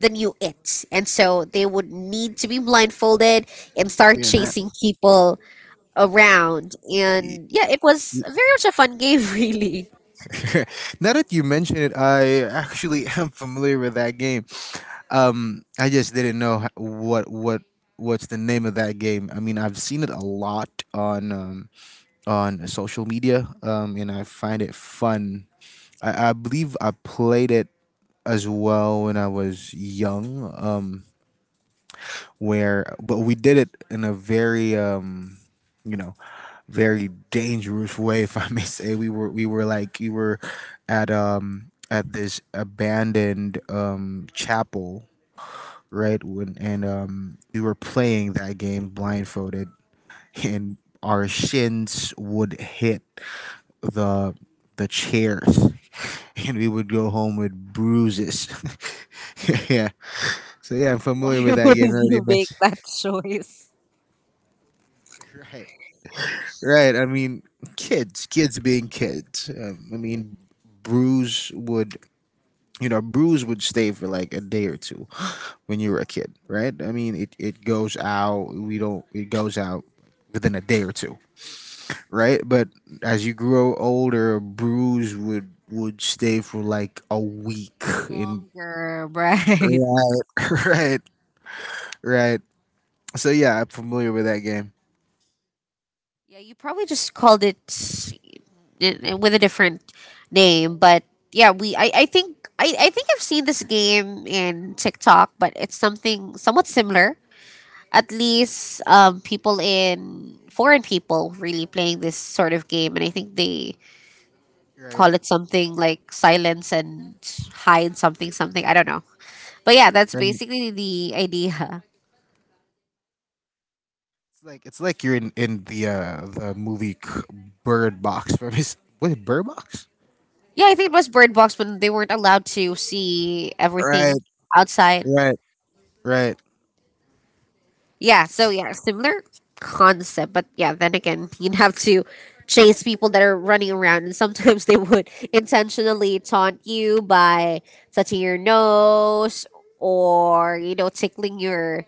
Speaker 1: the new it. And so they would need to be blindfolded and start
Speaker 2: yeah.
Speaker 1: chasing people around.
Speaker 2: y-
Speaker 1: And yeah, it was
Speaker 2: y-
Speaker 1: very much a fun game, [laughs] really.
Speaker 2: [laughs] Now that you mention it, I actually [laughs] am familiar with that game. Um, I just didn't know what's the name of that game. I mean, I've seen it a lot on social media, and I find it fun. I believe I played it as well when I was young. Where but we did it in a very you know very dangerous way, if I may [laughs] say. We were at this abandoned chapel, right? When and We were playing that game blindfolded and our shins would hit the the chairs [laughs] and we would go home with bruises. [laughs] Yeah. So yeah, I'm
Speaker 1: Why
Speaker 2: familiar with that
Speaker 1: would
Speaker 2: game.
Speaker 1: you make
Speaker 2: [laughs]
Speaker 1: that choice
Speaker 2: Right. Right. I mean, kids being kids. I mean, bruise would, bruise would stay for like a day or two [gasps] when you were a kid, right? I mean, it goes out, we don't, it goes out within a day or two, right? But as you grow older, would stay for like a week in,
Speaker 1: longer, [laughs] right?
Speaker 2: right, [laughs] right, right. So yeah, I'm familiar with that game.
Speaker 1: Yeah, you probably just called it with a different name, but yeah, we I think I've seen this game in TikTok, but it's something somewhat similar. At least people in foreign, people really playing this sort of game, and I think they
Speaker 2: Right,
Speaker 1: call it something like silence and hide, something something. I don't know, but yeah, that's
Speaker 2: right.
Speaker 1: basically the idea.
Speaker 2: It's like you're in the movie Bird Box [laughs] from his, what is it, Bird Box?
Speaker 1: Yeah, I think it was Bird Box, when they weren't allowed to see
Speaker 2: Right,
Speaker 1: everything outside.
Speaker 2: right, right,
Speaker 1: Yeah, so yeah, similar concept, but yeah, then again, you'd have to chase people that are running around, and sometimes they would intentionally taunt you by touching your nose, or you know, tickling your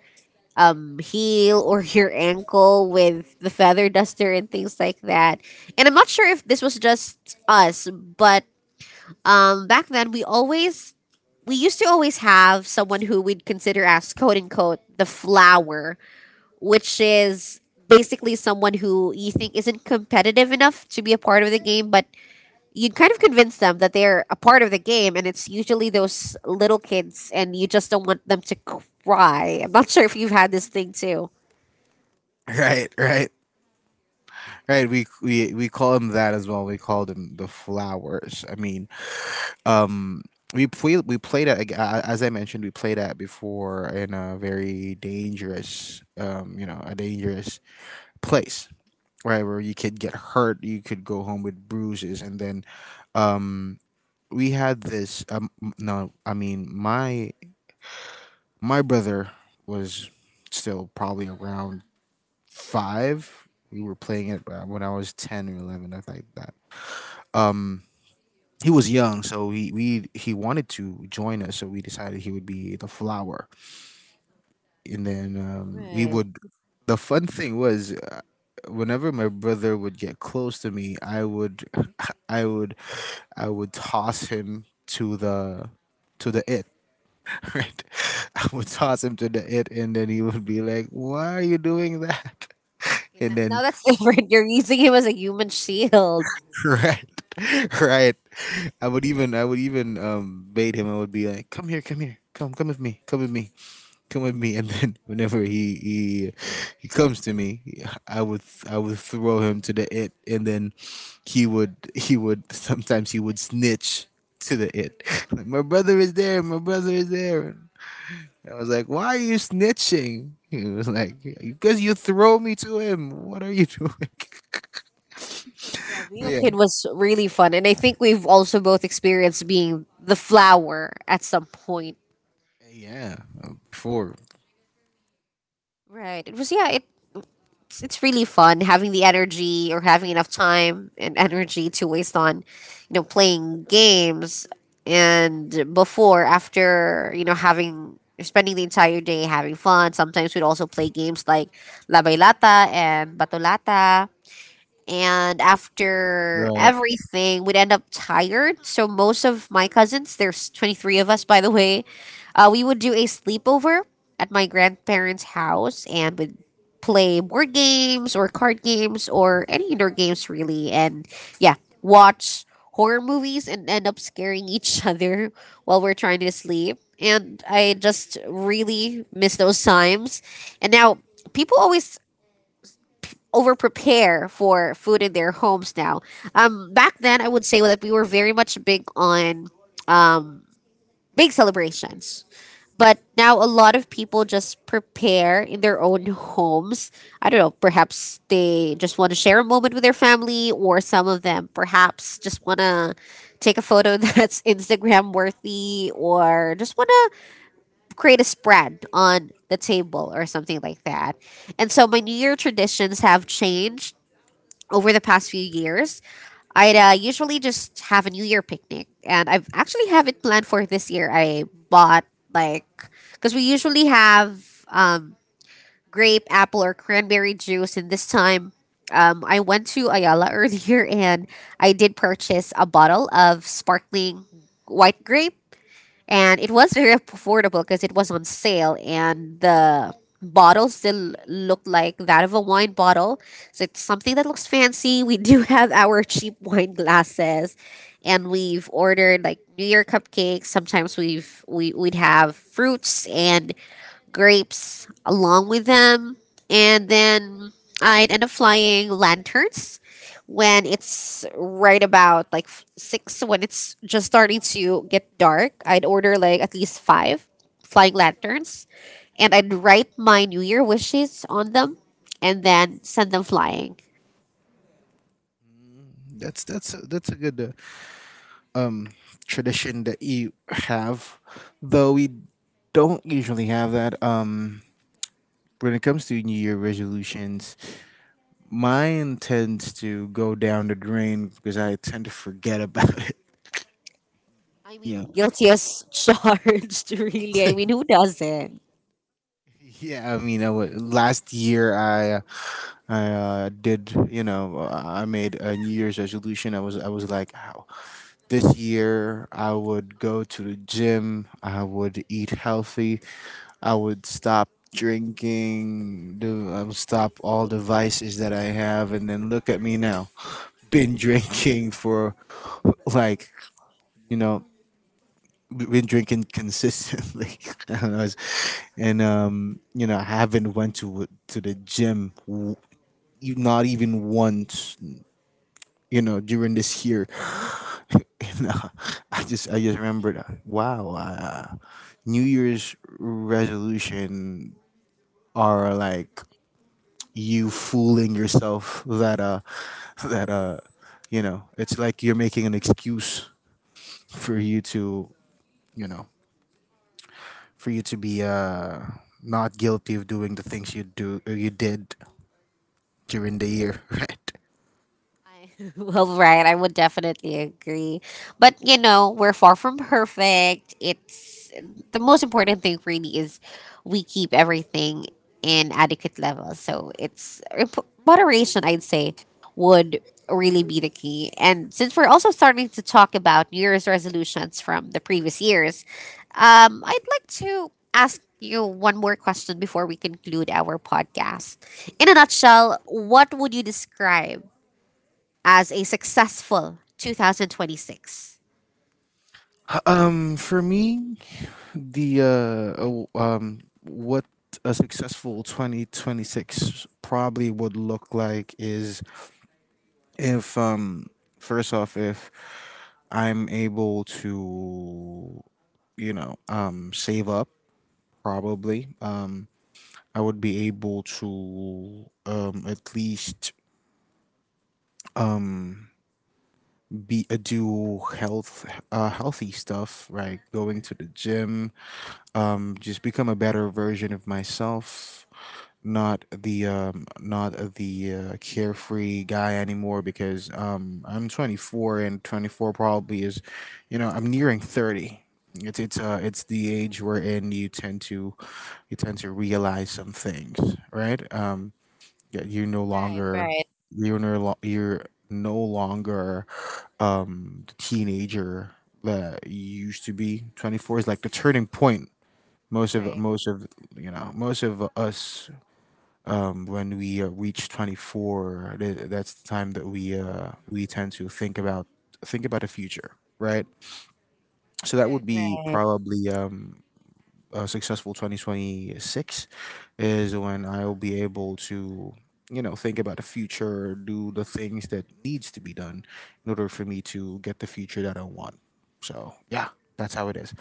Speaker 1: heel or your ankle with the feather duster, and things like that. And I'm not sure if this was just us, but back then, we always we used to always have someone who we'd consider as quote unquote the flower, which is basically someone who you think isn't competitive enough to be a part of the game, but you would kind of convince them that they're a part of the game, and it's usually those little kids, and you just don't want them to cry. I'm not sure if you've had this thing too.
Speaker 2: right, right, right. We call him that as well. We called him the flowers. I mean, um, we played it as I mentioned, we played at before in a very dangerous, a dangerous place, right, where you could get hurt, you could go home with bruises, and then, um, we had this no I mean my brother was still probably around 5. We were playing it when I was 10 or 11, I think. That um, he was young, so he wanted to join us, so we decided he would be the flower. And then um, we
Speaker 1: Right.
Speaker 2: would the fun thing was whenever my brother would get close to me, I would [laughs] I would I would toss him to the it. [laughs] Right? I would toss him to the it, and then he would be like, "Why are you doing that?" [laughs]
Speaker 1: Okay, now,
Speaker 2: And
Speaker 1: now
Speaker 2: then,
Speaker 1: that's [laughs] different. You're using him as a human shield.
Speaker 2: [laughs] right, [laughs] right. I would even bait him. I would be like, "Come here, come here, come with me, come with me." And then [laughs] whenever he comes to me, I would throw him to the it, and then he would snitch to the it. [laughs] Like, my brother is there. My brother is there. I was like, why are you snitching? He was like, because you throw me to him. What are you doing?
Speaker 1: Yeah,
Speaker 2: [laughs]
Speaker 1: being a
Speaker 2: Yeah,
Speaker 1: kid was really fun, and I think we've also both experienced being the flower at some point.
Speaker 2: yeah, sure.
Speaker 1: Right. It was, yeah. It's really fun having the energy or having enough time and energy to waste on, playing games and before after, having spending the entire day having fun. Sometimes we'd also play games like La Bailata and Batolata, and after
Speaker 2: Right.
Speaker 1: everything we'd end up tired. So most of my cousins, there's 23 of us by the way, we would do a sleepover at my grandparents house and would play board games or card games or any indoor games really, and yeah, watch horror movies and end up scaring each [laughs] other while we're trying to sleep. And I just really miss those times. And now people always over prepare for food in their homes now. Back then, I would say that we were very much big on big celebrations. But now a lot of people just prepare in their own homes. I don't know, perhaps they just want to share a moment with their family, or some of them perhaps just want to take a photo [laughs] that's Instagram worthy, or just want to create a spread on the table or something like that. And so my New Year traditions have changed over the past few years. I'd usually just have a New Year picnic, and I've actually have it planned for this year. I bought, like, because we usually have grape, apple, or cranberry juice, and this time I went to Ayala [laughs] earlier and I did purchase a bottle of sparkling white grape, and it was very affordable because it was on sale and the bottle still looked like that of a wine bottle, so it's something that looks fancy. We do [laughs] have our cheap wine glasses, and we've ordered like new year cupcakes. Sometimes we've we'd have fruits and grapes along with them. And then I'd end up flying lanterns when it's right about like six, so when it's just starting to get dark. I'd order like at least five flying lanterns, and I'd write my New Year wishes on them and then send them flying.
Speaker 2: That's a good um tradition that you have, though we don't usually have that. When it comes to New Year resolutions, mine tends to go down the drain because I tend to forget about [laughs] it.
Speaker 1: I
Speaker 2: Yeah.
Speaker 1: mean, guilty as [laughs] charged, really. I mean,
Speaker 2: [laughs]
Speaker 1: who does it?
Speaker 2: Yeah, I mean, last year I did, you know, I made a New Year's resolution. I was like, "Ow, this year I would go to the gym. I would eat healthy. I would stop drinking. Do I would stop all the vices that I have." And then look at me now, been drinking for like, you know, been drinking consistently. [laughs] I don't know, it's- and you know, I haven't went to the gym not even once, you know, during this year. [laughs] You know, I just remember that, wow, New Year's resolution are like you fooling yourself that [laughs] that you know, it's like you're making an excuse for you to, you know, for you to be not guilty of doing the things you did during the year. [laughs] Right.
Speaker 1: I, [laughs] well, right. I would definitely agree. But, you know, we're far from perfect. It's the most important thing, really, is we keep everything in adequate levels. So it's moderation, I'd say, would really be the key. And since we're also starting to talk about New Year's resolutions from the previous years, I'd like to ask you one more question before we conclude our podcast. In a nutshell, what would you describe as a successful 2026?
Speaker 2: Um, for me, The oh, what a successful 2026 probably would look like is if um, first off, if I'm able to, you know, um, save up, probably, I would be able to at least be do healthy stuff, right? Going to the gym, just become a better version of myself. Not the not the carefree guy anymore because I'm 24, and 24 probably is, you know, I'm nearing 30. It's the age wherein you tend to realize some things, right? Yeah, you're no
Speaker 1: Right,
Speaker 2: longer
Speaker 1: right,
Speaker 2: you're no longer the teenager that you used to be. 24 is like the turning point.
Speaker 1: right,
Speaker 2: Most of, you know, most of us um, when we reach 24, that's the time that we tend to think about the future, right? So that would
Speaker 1: right,
Speaker 2: be
Speaker 1: right.
Speaker 2: probably a successful 2026 is when I'll be able to, you know, think about the future, do the things that needs to be done in order for me to get the future that I want. So, yeah, that's how it is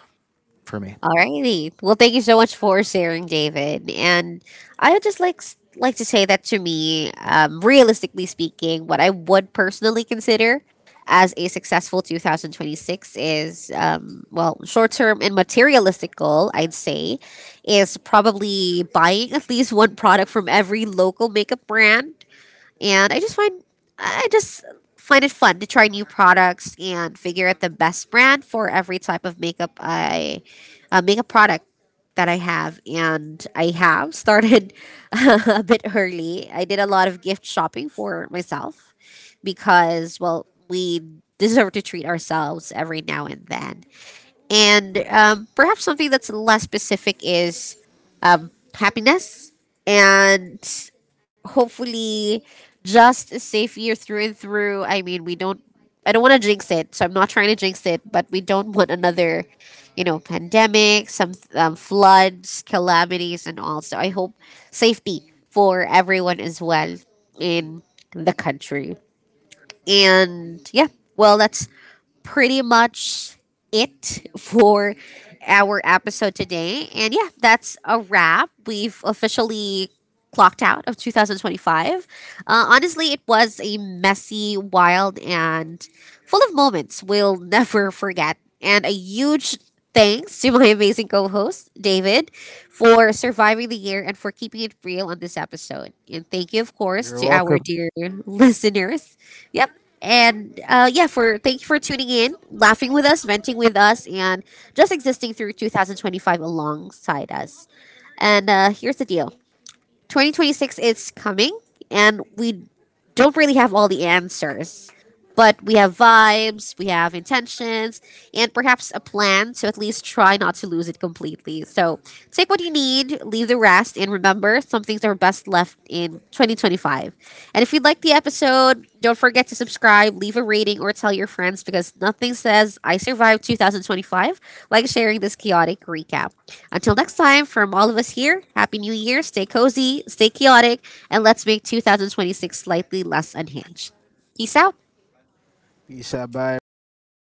Speaker 2: for me.
Speaker 1: Alrighty. Well, thank you so much for sharing, David. And I would just like like to say that to me, realistically speaking, what I would personally consider as a successful 2026 is, well, short term and materialistic goal, I'd say, is probably buying at least one product from every local makeup brand. And I just find, I just find it fun to try new products and figure out the best brand for every type of makeup I makeup product that I have. And I have started [laughs] a bit early. I did a lot of gift shopping for myself because, well, we deserve to treat ourselves every now and then. And perhaps something that's less specific is happiness and, hopefully, just a safe year through and through. I mean, we don't I don't want to jinx it, so I'm not trying to jinx it, but we don't want another, you know, pandemic, some floods, calamities, and all. So I hope safety for everyone as well in the country. And yeah, well, that's pretty much it for our episode today. And yeah, that's a wrap. We've officially clocked out of 2025. Honestly, it was a messy, wild, and full of moments we'll [laughs] never forget. And a huge thanks to my amazing co host, David, for surviving the year and for keeping it real on this episode. And thank you, of course,
Speaker 2: You're
Speaker 1: to our
Speaker 2: welcome.
Speaker 1: dear listeners. Yep. And yeah, for thank you for tuning in, laughing with us, venting with us, and just existing through 2025 alongside us. And here's the deal: 2026 is coming, and we don't really have all the answers. But we have vibes, we have intentions, and perhaps a plan to at least try not to lose it completely. So take what you need, leave the rest, and remember some things are best left in 2025. And if you like the episode, don't forget to subscribe, leave a rating, or tell your friends, because nothing says I survived 2025 like sharing this chaotic recap. Until next time, from all of us here, Happy New Year, stay cozy, stay chaotic, and let's make 2026 slightly less unhinged. Peace out.
Speaker 2: Peace out. Bye, everybody.